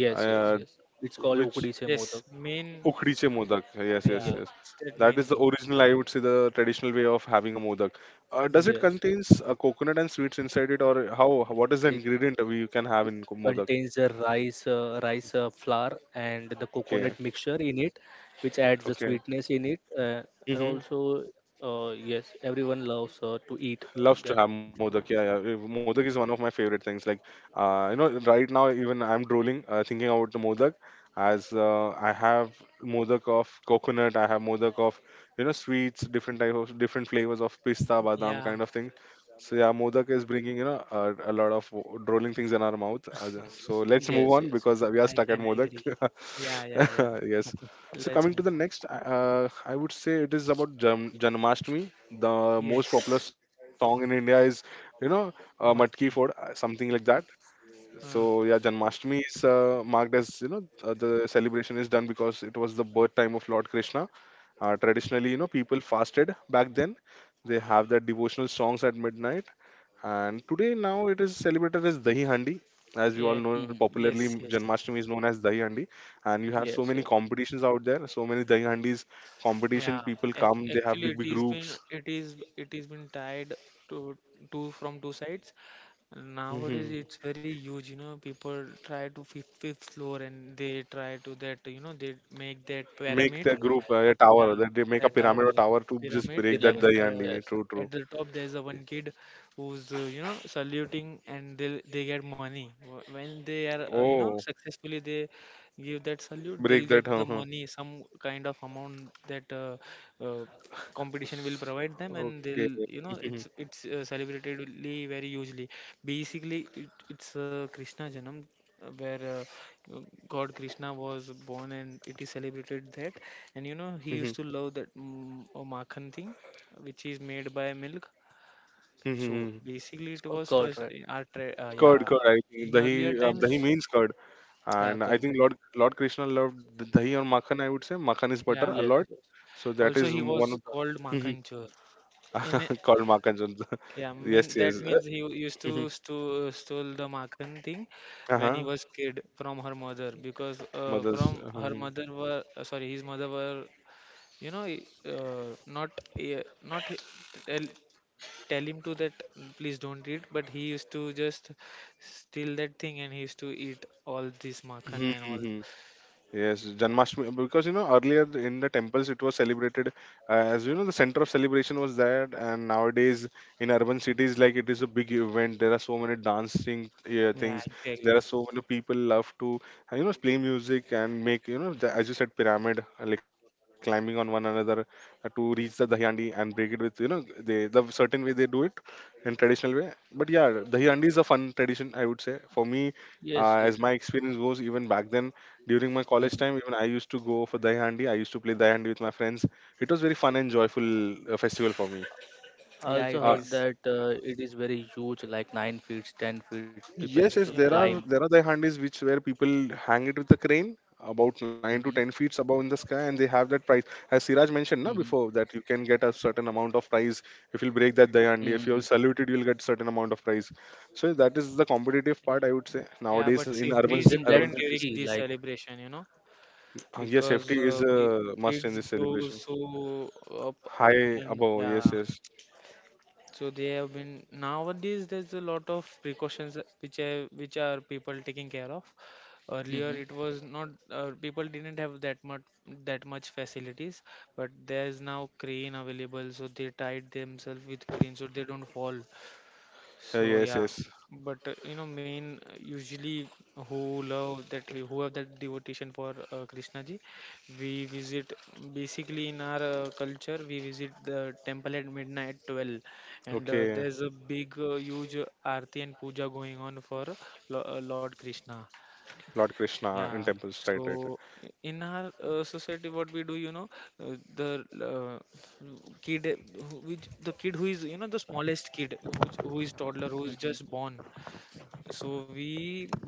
Speaker 2: yes, yes,
Speaker 1: uh,
Speaker 2: yes, it's called
Speaker 1: which
Speaker 2: ukdi se
Speaker 3: yes,
Speaker 2: modak.
Speaker 3: main.
Speaker 1: ukdiche modak. Yes, yes,
Speaker 3: Yeah,
Speaker 2: Yeah,
Speaker 1: yes.
Speaker 3: it's that
Speaker 1: That
Speaker 3: main
Speaker 1: is the
Speaker 3: thing.
Speaker 1: original, I would say, the traditional way of having a modak. Does it
Speaker 2: yes, yes.
Speaker 1: contains coconut and sweets inside it, or how? What is the
Speaker 2: it
Speaker 1: ingredient we can have
Speaker 2: it
Speaker 1: in modak?
Speaker 2: contains the rice, rice flour and the
Speaker 1: Okay,
Speaker 2: coconut mixture in it, which adds the
Speaker 1: okay.
Speaker 2: sweetness in it, and
Speaker 1: Mm-hmm.
Speaker 2: also, yes, everyone loves to eat
Speaker 1: Loves to
Speaker 2: that.
Speaker 1: have modak. Yeah, yeah. Eh, modak is one of my favorite things. Like, right now even I'm drooling thinking about the modak, as I have modak of coconut, I have modak of you know sweets, different type of different flavors of pista, badam
Speaker 3: Yeah,
Speaker 1: kind of thing. So yeah, modak is bringing you know a lot of drooling things in our mouth. So let's
Speaker 2: Yes,
Speaker 1: move on
Speaker 2: yes, yes.
Speaker 1: because we are
Speaker 3: I
Speaker 1: stuck at
Speaker 3: can
Speaker 1: modak.
Speaker 3: agree. Yeah, yeah, yeah.
Speaker 1: Yes. So
Speaker 3: Let's
Speaker 1: coming to
Speaker 3: move
Speaker 1: the
Speaker 3: on.
Speaker 1: next, I would say it is about Janmashtami, the most popular
Speaker 3: Yes,
Speaker 1: song in India is, you know, Matki Ford,
Speaker 3: matki.
Speaker 1: something like that. So
Speaker 3: Uh,
Speaker 1: yeah, Janmashtami is marked as you know the celebration is done because it was the birth time of Lord Krishna. Traditionally, you know, people fasted back then. They have their devotional songs at midnight, and today now it is celebrated as Dahi Handi. As we all
Speaker 3: yeah,
Speaker 1: know,
Speaker 2: Mm-hmm.
Speaker 1: popularly
Speaker 3: yes, yes.
Speaker 1: Janmashtami is known as Dahi Handi, and you have so
Speaker 2: Yes,
Speaker 1: many
Speaker 2: yes.
Speaker 1: competitions out there. So many Dahi Handis competition.
Speaker 3: Yeah,
Speaker 1: People come. They have big
Speaker 3: actually,
Speaker 1: big
Speaker 3: it is
Speaker 1: groups.
Speaker 3: been tied to two from two sides. Nowadays, it's very huge. You know, people try to fifth floor and they try to that. You know, they make that
Speaker 1: Make the
Speaker 3: pyramid.
Speaker 1: group a tower.
Speaker 3: Yeah,
Speaker 1: That they make a
Speaker 3: the
Speaker 1: pyramid
Speaker 3: tower
Speaker 1: or tower to just
Speaker 3: pyramid,
Speaker 2: Reliable
Speaker 1: break
Speaker 2: tag.
Speaker 1: that
Speaker 3: and
Speaker 2: Yes.
Speaker 1: Dayandi. True, true.
Speaker 3: at the top there's a one kid who's saluting, and they get money. When they are
Speaker 1: Oh,
Speaker 3: successfully they give that salute,
Speaker 1: break
Speaker 3: they'll
Speaker 1: that.
Speaker 3: get
Speaker 1: Huh,
Speaker 3: the
Speaker 1: huh.
Speaker 3: money, some kind of amount that uh, competition will provide them, and
Speaker 1: Okay.
Speaker 3: they'll, you know, it's celebratedly very hugely. Basically, it's Krishna Janam, where. Uh, god Krishna was born and it is celebrated that. And you know he used to love that makhan thing, which is made by milk. So
Speaker 2: It's
Speaker 3: basically it
Speaker 2: called
Speaker 3: was
Speaker 2: curd,
Speaker 3: first
Speaker 2: right?
Speaker 3: in our
Speaker 1: Curd,
Speaker 3: yeah,
Speaker 1: curd. I think
Speaker 3: in
Speaker 1: dahi,
Speaker 3: earlier
Speaker 2: Yes,
Speaker 1: dahi
Speaker 3: times.
Speaker 1: means curd.
Speaker 3: Yeah,
Speaker 1: And I
Speaker 3: curd.
Speaker 1: think Lord Krishna loved the dahi or makhan. I would say makhan is butter
Speaker 3: Yeah,
Speaker 1: a
Speaker 2: yes,
Speaker 1: lot.
Speaker 2: yes.
Speaker 1: So that
Speaker 3: also
Speaker 1: is
Speaker 3: he
Speaker 1: one of
Speaker 3: was
Speaker 1: the
Speaker 3: called makhan chor. in a-
Speaker 1: called makhan. Chandra.
Speaker 3: yeah,
Speaker 1: Yes,
Speaker 3: mean
Speaker 1: yes.
Speaker 3: that means he used to stole the makhan thing when he
Speaker 1: Uh-huh.
Speaker 3: was kid from her mother because
Speaker 1: Mothers.
Speaker 3: from her
Speaker 1: Uh-huh.
Speaker 3: mother were sorry his mother were, you know, not uh, not h- tell, not tell him to that please don't eat, but he used to just steal that thing and he used to eat all this
Speaker 1: Hmm,
Speaker 3: makan and
Speaker 1: hmm,
Speaker 3: all.
Speaker 1: hmm. Yes, Janmashtami, because you know earlier in the temples it was celebrated as you know the center of celebration was there, and nowadays in urban cities like it is a big event. There are so many dancing
Speaker 3: Yeah,
Speaker 1: things. There are
Speaker 3: exactly.
Speaker 1: so many people love to play music and make you know the, as you said pyramid like climbing on one another to reach the dahyandi and break it with you know they the certain way they do it in traditional way. But yeah, dahyandi is a fun tradition I would say for me
Speaker 2: Yes, yes.
Speaker 1: as my experience was even back then during my college
Speaker 2: Mm-hmm.
Speaker 1: time, even I used to go for Dai Handi. I used to play Dai Handi with my friends. It was very fun and joyful festival for me.
Speaker 2: I
Speaker 3: Yeah,
Speaker 2: also
Speaker 3: it
Speaker 1: Uh,
Speaker 2: heard that
Speaker 3: is.
Speaker 2: it is very huge, like 9 feet, 10 feet. People
Speaker 1: yes,
Speaker 2: used
Speaker 1: yes,
Speaker 2: to
Speaker 1: there
Speaker 3: Yeah,
Speaker 1: are
Speaker 2: climb.
Speaker 3: yeah.
Speaker 1: there are Dai Handis which where people hang it with the crane about nine to ten
Speaker 2: Mm-hmm.
Speaker 1: feet above in the sky, and they have that prize. As Siraj mentioned, na
Speaker 2: Mm-hmm.
Speaker 1: before that you can get a certain amount of prize if you break that Dai Handi.
Speaker 2: Mm-hmm.
Speaker 1: If you are saluted, you'll get certain amount of prize. So that is the competitive part
Speaker 3: Yeah,
Speaker 1: I would say
Speaker 3: yeah,
Speaker 1: nowadays
Speaker 3: but
Speaker 1: in
Speaker 2: So
Speaker 3: safety
Speaker 1: urban
Speaker 3: is
Speaker 2: isn't that
Speaker 1: urban
Speaker 3: important
Speaker 1: cities.
Speaker 3: during
Speaker 2: risky?
Speaker 3: this
Speaker 2: Like.
Speaker 3: celebration, you know,
Speaker 1: Yes, safety
Speaker 3: because
Speaker 1: is a must in
Speaker 3: kids
Speaker 1: this
Speaker 3: go
Speaker 1: celebration.
Speaker 3: so up,
Speaker 1: High
Speaker 3: and
Speaker 1: above, yes,
Speaker 3: yeah.
Speaker 1: yes.
Speaker 3: So they have been nowadays. There's a lot of precautions which are people taking care of. Earlier,
Speaker 2: Mm-hmm.
Speaker 3: it was not. People didn't have that much facilities, but there's now crane available. So they tied themselves with crane so they don't fall. So
Speaker 1: Yes,
Speaker 3: yeah,
Speaker 1: yes.
Speaker 3: but you know, main usually who love that, who have that devotion for Krishna ji, we visit, basically in our culture we visit the temple at midnight 12, and
Speaker 1: Okay,
Speaker 3: there's a big, huge aarti and puja going on for Lord Krishna.
Speaker 1: Lord Krishna in
Speaker 3: Yeah,
Speaker 1: temples, right,
Speaker 3: so
Speaker 1: right. Right.
Speaker 3: in our society, what we do, you know, uh, the uh, the kid who is, you know, the smallest kid, who is toddler, who is
Speaker 2: Mm-hmm.
Speaker 3: just born. So we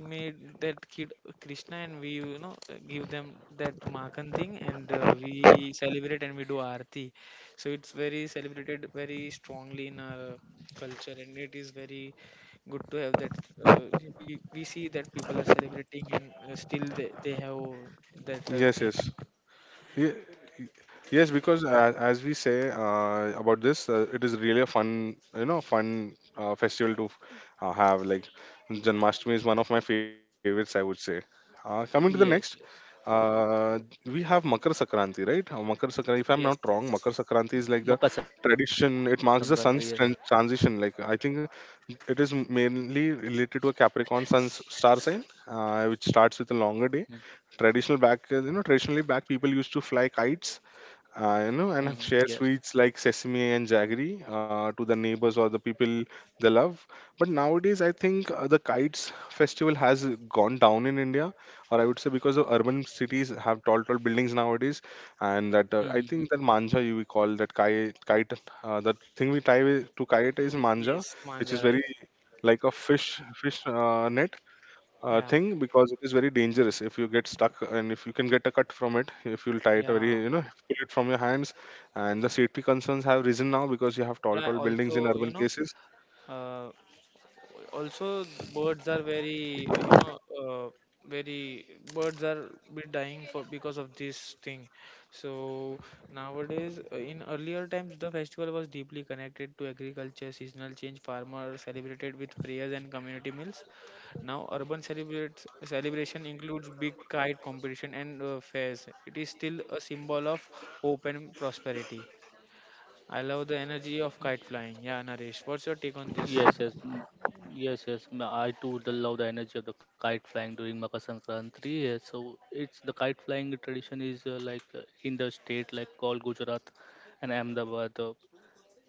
Speaker 3: made that kid Krishna and we, you know, give them that Makan thing and we celebrate and we do Aarti. So it's very celebrated very strongly in our culture and it is very good to have that. Uh, we see that people are celebrating and still they have that
Speaker 1: Yes,
Speaker 3: thing.
Speaker 1: yes. Ye- Yes, because as we say about this, it is really a fun, you know, fun festival to have. Like Janmashtami is one of my favorites, I would say. Coming to the next,
Speaker 2: Yes, yes.
Speaker 1: uh, we have Makar Sakranti, right? Makar Sakranti, if I'm not
Speaker 3: Yes.
Speaker 1: wrong, Makar Sakranti is like the
Speaker 2: Makar Sankranti. Yes.
Speaker 1: tradition. It marks the sun's transition. Like I think it is mainly related to a Capricorn sun star sign, which starts with a longer
Speaker 2: Mm-hmm.
Speaker 1: day. Traditional back you know traditionally back, people used to fly kites you know and
Speaker 2: Mm-hmm.
Speaker 1: share
Speaker 2: Yes.
Speaker 1: sweets like sesame and jaggery to the neighbors or the people they love, but nowadays I think the kites festival has gone down in India, or I would say because of urban cities have tall buildings nowadays. And that I
Speaker 2: Mm-hmm.
Speaker 1: think that manja, you, we call that kite the thing we tie to kite is
Speaker 3: Mm.
Speaker 1: manja,
Speaker 3: Yes,
Speaker 1: which is
Speaker 3: Manja,
Speaker 1: very
Speaker 3: right.
Speaker 1: like a fish fish net
Speaker 3: Yeah.
Speaker 1: thing, because it is very dangerous if you get stuck and if you can get a cut from it if you'll tie it very
Speaker 3: Yeah.
Speaker 1: you know pull it from your hands, and the safety concerns have risen now because you have tall
Speaker 3: Yeah,
Speaker 1: tall buildings in
Speaker 3: also,
Speaker 1: urban
Speaker 3: you know,
Speaker 1: places.
Speaker 3: uh, also the birds are very very birds are be dying for because of this thing. So nowadays, in earlier times the festival was deeply connected to agriculture, seasonal change. Farmers celebrated with prayers and community meals. Now urban celebrates celebration includes big kite competition and fairs. It is still a symbol of hope and prosperity. I love the energy of kite flying. Yeah, Naresh, what's your take on
Speaker 2: Yes,
Speaker 3: this?
Speaker 2: yes, mm, yes, yes. I too the love the energy of the kite flying during Makar Sankranti. Yes, so it's the kite flying tradition is like in the state like called Gujarat and Ahmedabad.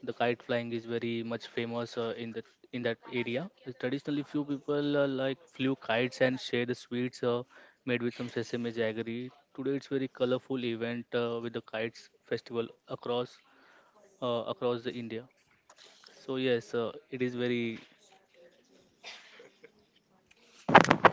Speaker 2: The kite flying is very much famous uh, in that area. Traditionally, few people like flew kites and share the sweets, made with some sesame jaggery. Today, it's very colorful event with the kites festival across the India. So yes, it is very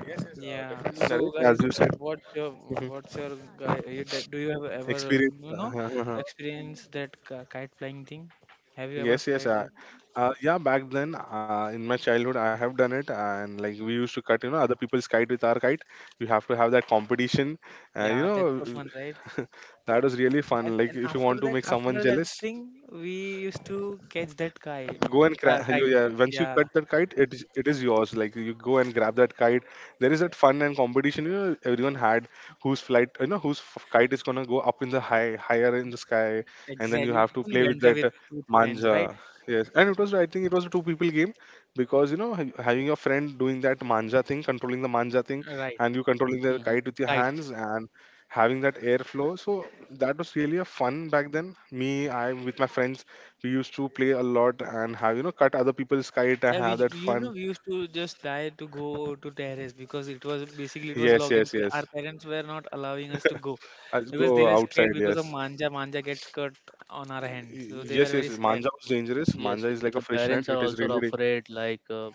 Speaker 1: Yes, yes,
Speaker 3: Yeah.
Speaker 1: definitely
Speaker 3: So,
Speaker 1: Naresh, as
Speaker 3: guys,
Speaker 1: you said. Mhm.
Speaker 3: what's your guy? Do you have ever,
Speaker 1: Experience.
Speaker 3: you know, experience that kite flying thing? Have you ever
Speaker 1: Yes, yes,
Speaker 3: flied the?
Speaker 1: yeah, back then in my childhood I have done it, and like we used to cut you know other people's kite with our kite. We have to have that competition, uh, you
Speaker 3: Yeah, that's
Speaker 1: know
Speaker 3: so fun, right?
Speaker 1: that was really
Speaker 3: And
Speaker 1: fun.
Speaker 3: and
Speaker 1: Like if you want to make someone
Speaker 3: after that
Speaker 1: jealous,
Speaker 3: thing, we used to catch that kite.
Speaker 1: go and
Speaker 3: Kite.
Speaker 1: yeah, once you cut
Speaker 3: Yeah,
Speaker 1: that kite it is yours, like you go and grab that kite. There is that fun and competition you know everyone had, whose flight you know whose kite is gonna go up in the high higher in the sky. And then you
Speaker 3: exactly. It's
Speaker 1: have to
Speaker 3: fun
Speaker 1: play with
Speaker 3: banter
Speaker 1: that
Speaker 3: with friends, right?
Speaker 1: manja. Yes, and it was I think it was a two people game, because you know having your friend doing that manja thing controlling the manja thing,
Speaker 3: Right.
Speaker 1: and you controlling the
Speaker 2: hmm.
Speaker 1: kite with your
Speaker 3: Kite.
Speaker 1: hands and having that airflow, so that was really a fun back then me I with my friends. We used to play a lot and have, you know, cut other people's kite and
Speaker 3: Yeah,
Speaker 1: have that
Speaker 3: you know
Speaker 1: fun.
Speaker 3: we used to just die to go to terrace because it was basically it was
Speaker 1: Yes,
Speaker 3: locked and
Speaker 1: yes, yes.
Speaker 3: our parents were not allowing us to go
Speaker 1: I'll
Speaker 3: because they
Speaker 1: go
Speaker 3: were scared
Speaker 1: outside,
Speaker 3: because of
Speaker 1: yes.
Speaker 3: manja. Manja gets cut on our hand, so they
Speaker 1: Yes,
Speaker 3: were
Speaker 1: yes.
Speaker 3: very scared.
Speaker 1: Manja was dangerous.
Speaker 2: Yes,
Speaker 1: Manja is
Speaker 2: it-
Speaker 1: like a
Speaker 2: the
Speaker 1: fresh net.
Speaker 2: parents are
Speaker 1: It is
Speaker 2: also
Speaker 1: really
Speaker 2: afraid, like,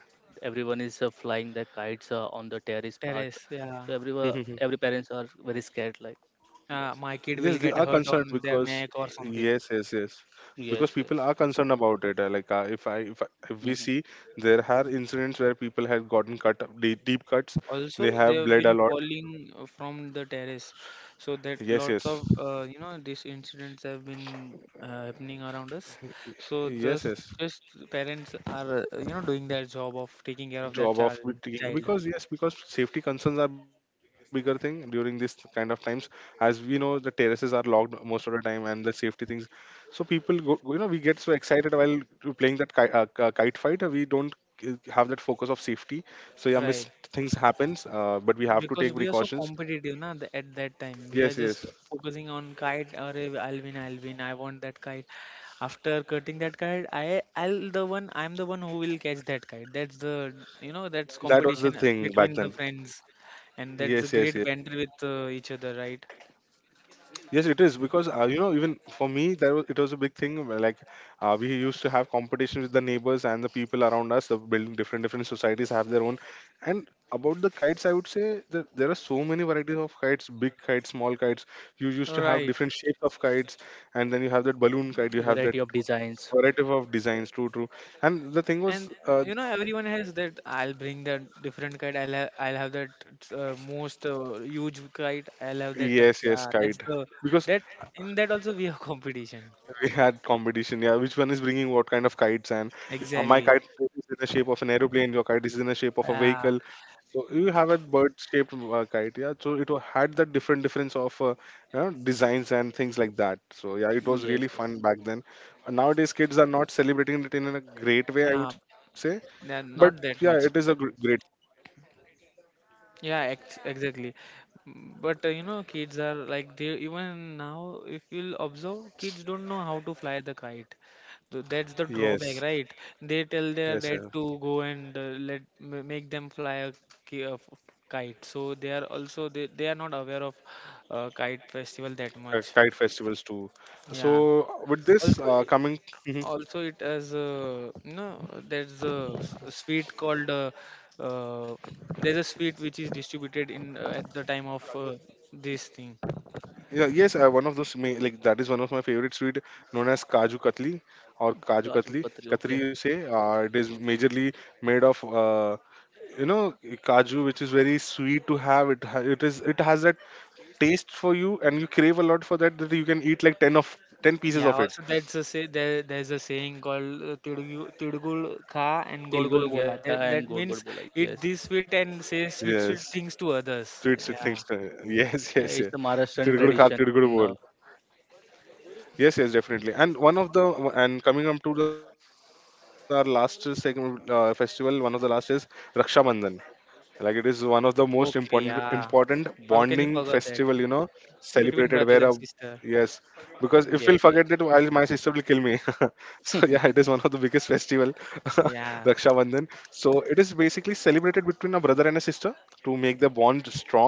Speaker 2: everyone is flying their kites on the terrace part.
Speaker 3: Terrace,
Speaker 2: So
Speaker 3: yeah.
Speaker 2: everyone,
Speaker 1: dangerous.
Speaker 2: every parents are very scared, like, yes,
Speaker 3: Uh, my kid
Speaker 1: Yes,
Speaker 3: will
Speaker 1: they
Speaker 3: get
Speaker 1: are
Speaker 3: hurt
Speaker 1: concerned
Speaker 3: on their
Speaker 1: because
Speaker 3: neck or something.
Speaker 1: yes, yes, yes, because
Speaker 2: yes,
Speaker 1: people
Speaker 2: yes.
Speaker 1: are concerned about it. Like if I if we
Speaker 2: Hmm.
Speaker 1: see there are incidents where people had gotten cut deep cuts,
Speaker 3: Also,
Speaker 1: they
Speaker 3: they
Speaker 1: have
Speaker 3: have
Speaker 1: bled a
Speaker 3: been
Speaker 1: lot.
Speaker 3: falling from the terrace, so that
Speaker 1: Yes,
Speaker 3: lots
Speaker 1: yes,
Speaker 3: of you know these incidents have been happening around us. So
Speaker 1: Y- yes,
Speaker 3: just
Speaker 1: yes.
Speaker 3: just parents are, you know, doing their job of taking care of their
Speaker 1: Job of
Speaker 3: child,
Speaker 1: taking,
Speaker 3: child,
Speaker 1: because yes, because safety concerns are bigger thing during this kind of times. As we know the terraces are locked most of the time, and the safety things, so people go, you know we get so excited while we playing that kite, kite fight, we don't have that focus of safety, so yeah miss
Speaker 3: right?
Speaker 1: things happens, but we have to
Speaker 3: Because
Speaker 1: take
Speaker 3: we are so
Speaker 1: precautions.
Speaker 3: competitive na, at that time. We are
Speaker 1: Yes, yes,
Speaker 3: just focusing on kite. Or I'll win, I'll win. I want that kite. After cutting that kite, I'll the one. I'm the one who will catch that kite. That's the, you know, that's
Speaker 1: that was the
Speaker 3: competition
Speaker 1: thing back
Speaker 3: between the
Speaker 1: then.
Speaker 3: friends, and that's a
Speaker 1: Yes, yes,
Speaker 3: great
Speaker 1: yes.
Speaker 3: banter with each other, right?
Speaker 1: Yes, it is because you know even for me that was it was a big thing. Where, like we used to have competition with the neighbors and the people around us. The building different societies have their own. And about the kites, I would say that there are so many varieties of kites: big kites, small kites. You used to have
Speaker 3: Right.
Speaker 1: different shapes of kites, and then you have that balloon kite. You have
Speaker 2: Variety
Speaker 1: that
Speaker 2: of designs.
Speaker 1: variety of designs. True, true. And the thing was,
Speaker 3: And you know everyone has that. I'll bring that different kite. I'll have that most huge kite. I'll have that.
Speaker 1: yes, yes,
Speaker 3: Yeah, that's
Speaker 1: kite.
Speaker 3: the
Speaker 1: Because
Speaker 3: that, in that also we have competition.
Speaker 1: we had competition, yeah. Which one is bringing what kind of kites? And my
Speaker 3: Exactly.
Speaker 1: kite is in the shape of an aeroplane. Your kite is in the shape of a
Speaker 3: Yeah,
Speaker 1: vehicle. So you have a bird-shaped kite, yeah. So it had that different difference of you know, designs and things like that. So yeah, it was really
Speaker 2: Yes, yes.
Speaker 1: fun back then. And nowadays, kids are not celebrating it in a great way, I
Speaker 3: yeah,
Speaker 1: would say.
Speaker 3: yeah,
Speaker 1: But
Speaker 3: not that
Speaker 1: yeah,
Speaker 3: much.
Speaker 1: it is a gr great.
Speaker 3: Yeah, ex exactly. Mm. But you know, kids are like, they even now, if you'll observe, kids don't know how to fly the kite. So that's the drawback,
Speaker 1: Yes,
Speaker 3: right? They tell their
Speaker 1: yes,
Speaker 3: dad
Speaker 1: yeah.
Speaker 3: to go and let make them fly a ki- a f- f- kite. So they are also they are not aware of kite festival that much.
Speaker 1: Kite festivals too.
Speaker 3: Yeah.
Speaker 1: So with this
Speaker 3: Also,
Speaker 1: coming. Mm-hmm,
Speaker 3: also it has, you know, there's a sweet called uh, there's a sweet which is distributed in at the time of this thing.
Speaker 1: yeah, yes, one of those like that is one of my favorite sweet known as Kaju Katli, or Kaju Katli,
Speaker 2: Kaju Katri,
Speaker 1: Katri
Speaker 2: okay.
Speaker 1: you say. It is majorly made of you know kaju, which is very sweet to have. It ha- it is it has that taste for you, and you crave a lot for that. That you can eat like ten of ten pieces
Speaker 3: Yeah,
Speaker 1: of it.
Speaker 3: also that's a say, there's a saying called "Tidugu- tidgul kha and gol gol
Speaker 2: Tilgul
Speaker 3: bola,"
Speaker 2: Gya
Speaker 3: that,
Speaker 2: and
Speaker 3: that
Speaker 2: God God
Speaker 3: means
Speaker 2: Bola, yes.
Speaker 3: eat this sweet and say sweet
Speaker 1: Yes,
Speaker 3: sweet things to others.
Speaker 1: sweet things.
Speaker 3: Yeah,
Speaker 1: To- yes,
Speaker 2: Yeah,
Speaker 1: yes,
Speaker 2: it's
Speaker 1: yes.
Speaker 2: a Maharashtrian
Speaker 1: Tirigudu kar,
Speaker 2: tradition.
Speaker 1: tirigudu bol. Yes, yes, definitely. And one of the, and coming up to our last segment festival, one of the last is Raksha Bandhan. Like it is one of the most important
Speaker 3: okay.
Speaker 1: important
Speaker 3: Yeah,
Speaker 1: bonding
Speaker 3: how can
Speaker 1: festival
Speaker 3: you
Speaker 1: you know
Speaker 3: forget that,
Speaker 1: celebrated where a,
Speaker 3: between brothers and
Speaker 1: yes
Speaker 3: sister?
Speaker 1: because if we'll forget that
Speaker 2: Yes,
Speaker 1: my
Speaker 2: yes,
Speaker 1: sister will kill me. So yeah, it is one of the biggest festival. Raksha
Speaker 3: Yeah.
Speaker 1: Bandhan. So it is basically celebrated between a brother and a sister, to make their bond strong.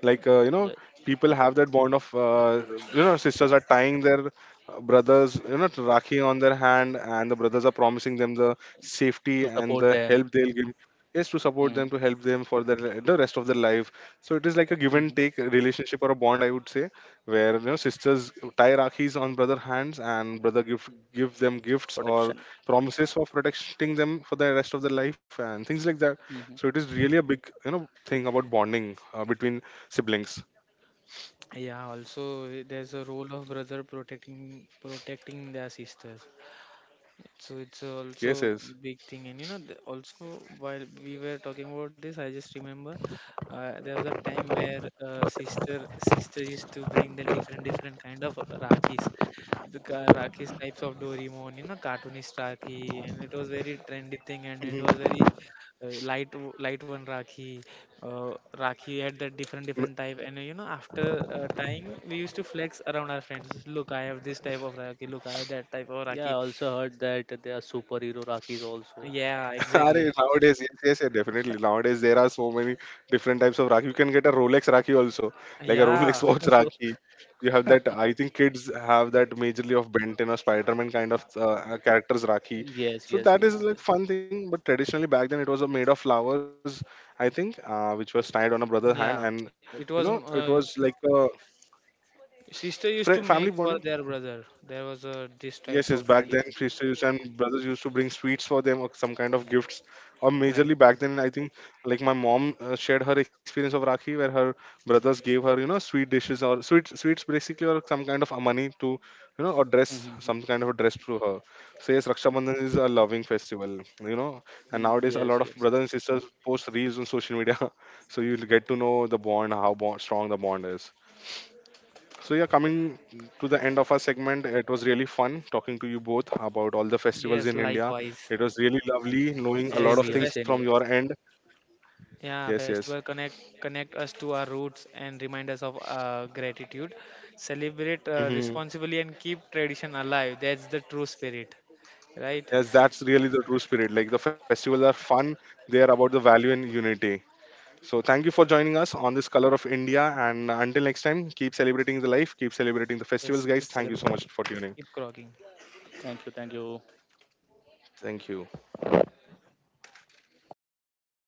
Speaker 1: Like you know
Speaker 2: yes.
Speaker 1: people have that bond of you know sisters are tying their brothers you know to rakhi on their hand, and the brothers are promising them the safety
Speaker 2: To
Speaker 1: and the
Speaker 2: support
Speaker 1: help
Speaker 2: them.
Speaker 1: they'll give, is to support them,
Speaker 2: Hmm.
Speaker 1: to help them for the, the rest of their life. So it is like a give and
Speaker 2: Hmm.
Speaker 1: take relationship or a bond I would say, where you know sisters tie rakhis on brother hands and brother give them gifts or
Speaker 2: Protection.
Speaker 1: promises of protecting them for the rest of their life and things like that.
Speaker 2: Hmm.
Speaker 1: So it is really a big you know thing about bonding between siblings.
Speaker 3: Yeah, also there's a role of brother protecting their sisters. So it's
Speaker 1: Yes,
Speaker 3: also
Speaker 1: yes.
Speaker 3: big thing, and you know, also while we were talking about this, I just remember there was a time where sister used to bring the different different kind of rakis, the rakis types of Doraemon, you know, cartoonist Raki, and it was very trendy thing, and it was
Speaker 1: Mhm.
Speaker 3: very light one Rakhi, Rakhi had that different different type, and you know after time we used to flex around our friends. Look, I have this type of Rakhi. Look, I have that type of
Speaker 2: Yeah, I
Speaker 3: Rakhi.
Speaker 2: also heard that there are superhero Rakis also.
Speaker 3: Yeah,
Speaker 1: Arey,
Speaker 3: exactly.
Speaker 1: nowadays, yes, yes, yeah, definitely. Nowadays, there are so many different types of Rakhi. You can get a Rolex Rakhi also, like a
Speaker 3: Yeah,
Speaker 1: Rolex watch Rakhi. You have that. I think kids have that majorly of Benton or Spider-Man kind of characters Rakhi.
Speaker 2: Yes,
Speaker 1: So
Speaker 2: yes,
Speaker 1: that
Speaker 2: yes,
Speaker 1: is like fun thing. But traditionally back then, it was made of flowers, I think, which was tied on a brother hand, and
Speaker 3: yeah.
Speaker 1: you know,
Speaker 2: yes.
Speaker 3: It
Speaker 1: it
Speaker 3: was
Speaker 1: was like a
Speaker 3: sister used to
Speaker 1: family
Speaker 3: make
Speaker 1: bonding.
Speaker 3: for their brother. There was a this
Speaker 1: Yes,
Speaker 3: type
Speaker 1: yes.
Speaker 3: of
Speaker 1: Back then,
Speaker 3: tradition,
Speaker 1: sisters and brothers used to bring sweets for them or some kind of gifts. Or
Speaker 3: right?
Speaker 1: majorly back then, I think like my mom shared her experience of Rakhi, where her brothers gave her, you know, sweet dishes or sweet sweets basically, or some kind of money to, you know, or
Speaker 2: Mm-hmm.
Speaker 1: dress
Speaker 2: Mm-hmm.
Speaker 1: some kind of a dress to her. So yes, Raksha Bandhan is a loving festival, you know. And
Speaker 2: Mm,
Speaker 1: nowadays, a
Speaker 2: yes,
Speaker 1: lot of
Speaker 2: yes.
Speaker 1: brothers and sisters post reels on social media, so you'll get to know the bond, how bond, strong the bond is. So yeah, coming to the end of our segment, it was really fun talking to you both about all the festivals
Speaker 3: Yes,
Speaker 1: in India.
Speaker 3: likewise.
Speaker 1: It was really lovely knowing a lot
Speaker 3: Yes,
Speaker 2: Same
Speaker 1: of
Speaker 3: the
Speaker 2: here,
Speaker 1: things from
Speaker 2: same
Speaker 3: festival.
Speaker 1: your
Speaker 2: here.
Speaker 1: end.
Speaker 3: Yeah,
Speaker 1: Yes, yes.
Speaker 3: festival connect us to our roots and remind us of gratitude. Celebrate
Speaker 1: Hmm.
Speaker 3: responsibly and keep tradition alive. That's the true spirit, right?
Speaker 1: Yes, that's really the true spirit. Like the festivals are fun, they are about the value and unity. So thank you for joining us on this Color of India. And until next time, keep celebrating the life, keep celebrating the festivals,
Speaker 3: Yes,
Speaker 1: guys.
Speaker 3: keep
Speaker 1: Thank you
Speaker 3: celebrating,
Speaker 1: so much for tuning.
Speaker 3: keep crocking.
Speaker 2: Thank you, thank you.
Speaker 1: Thank you.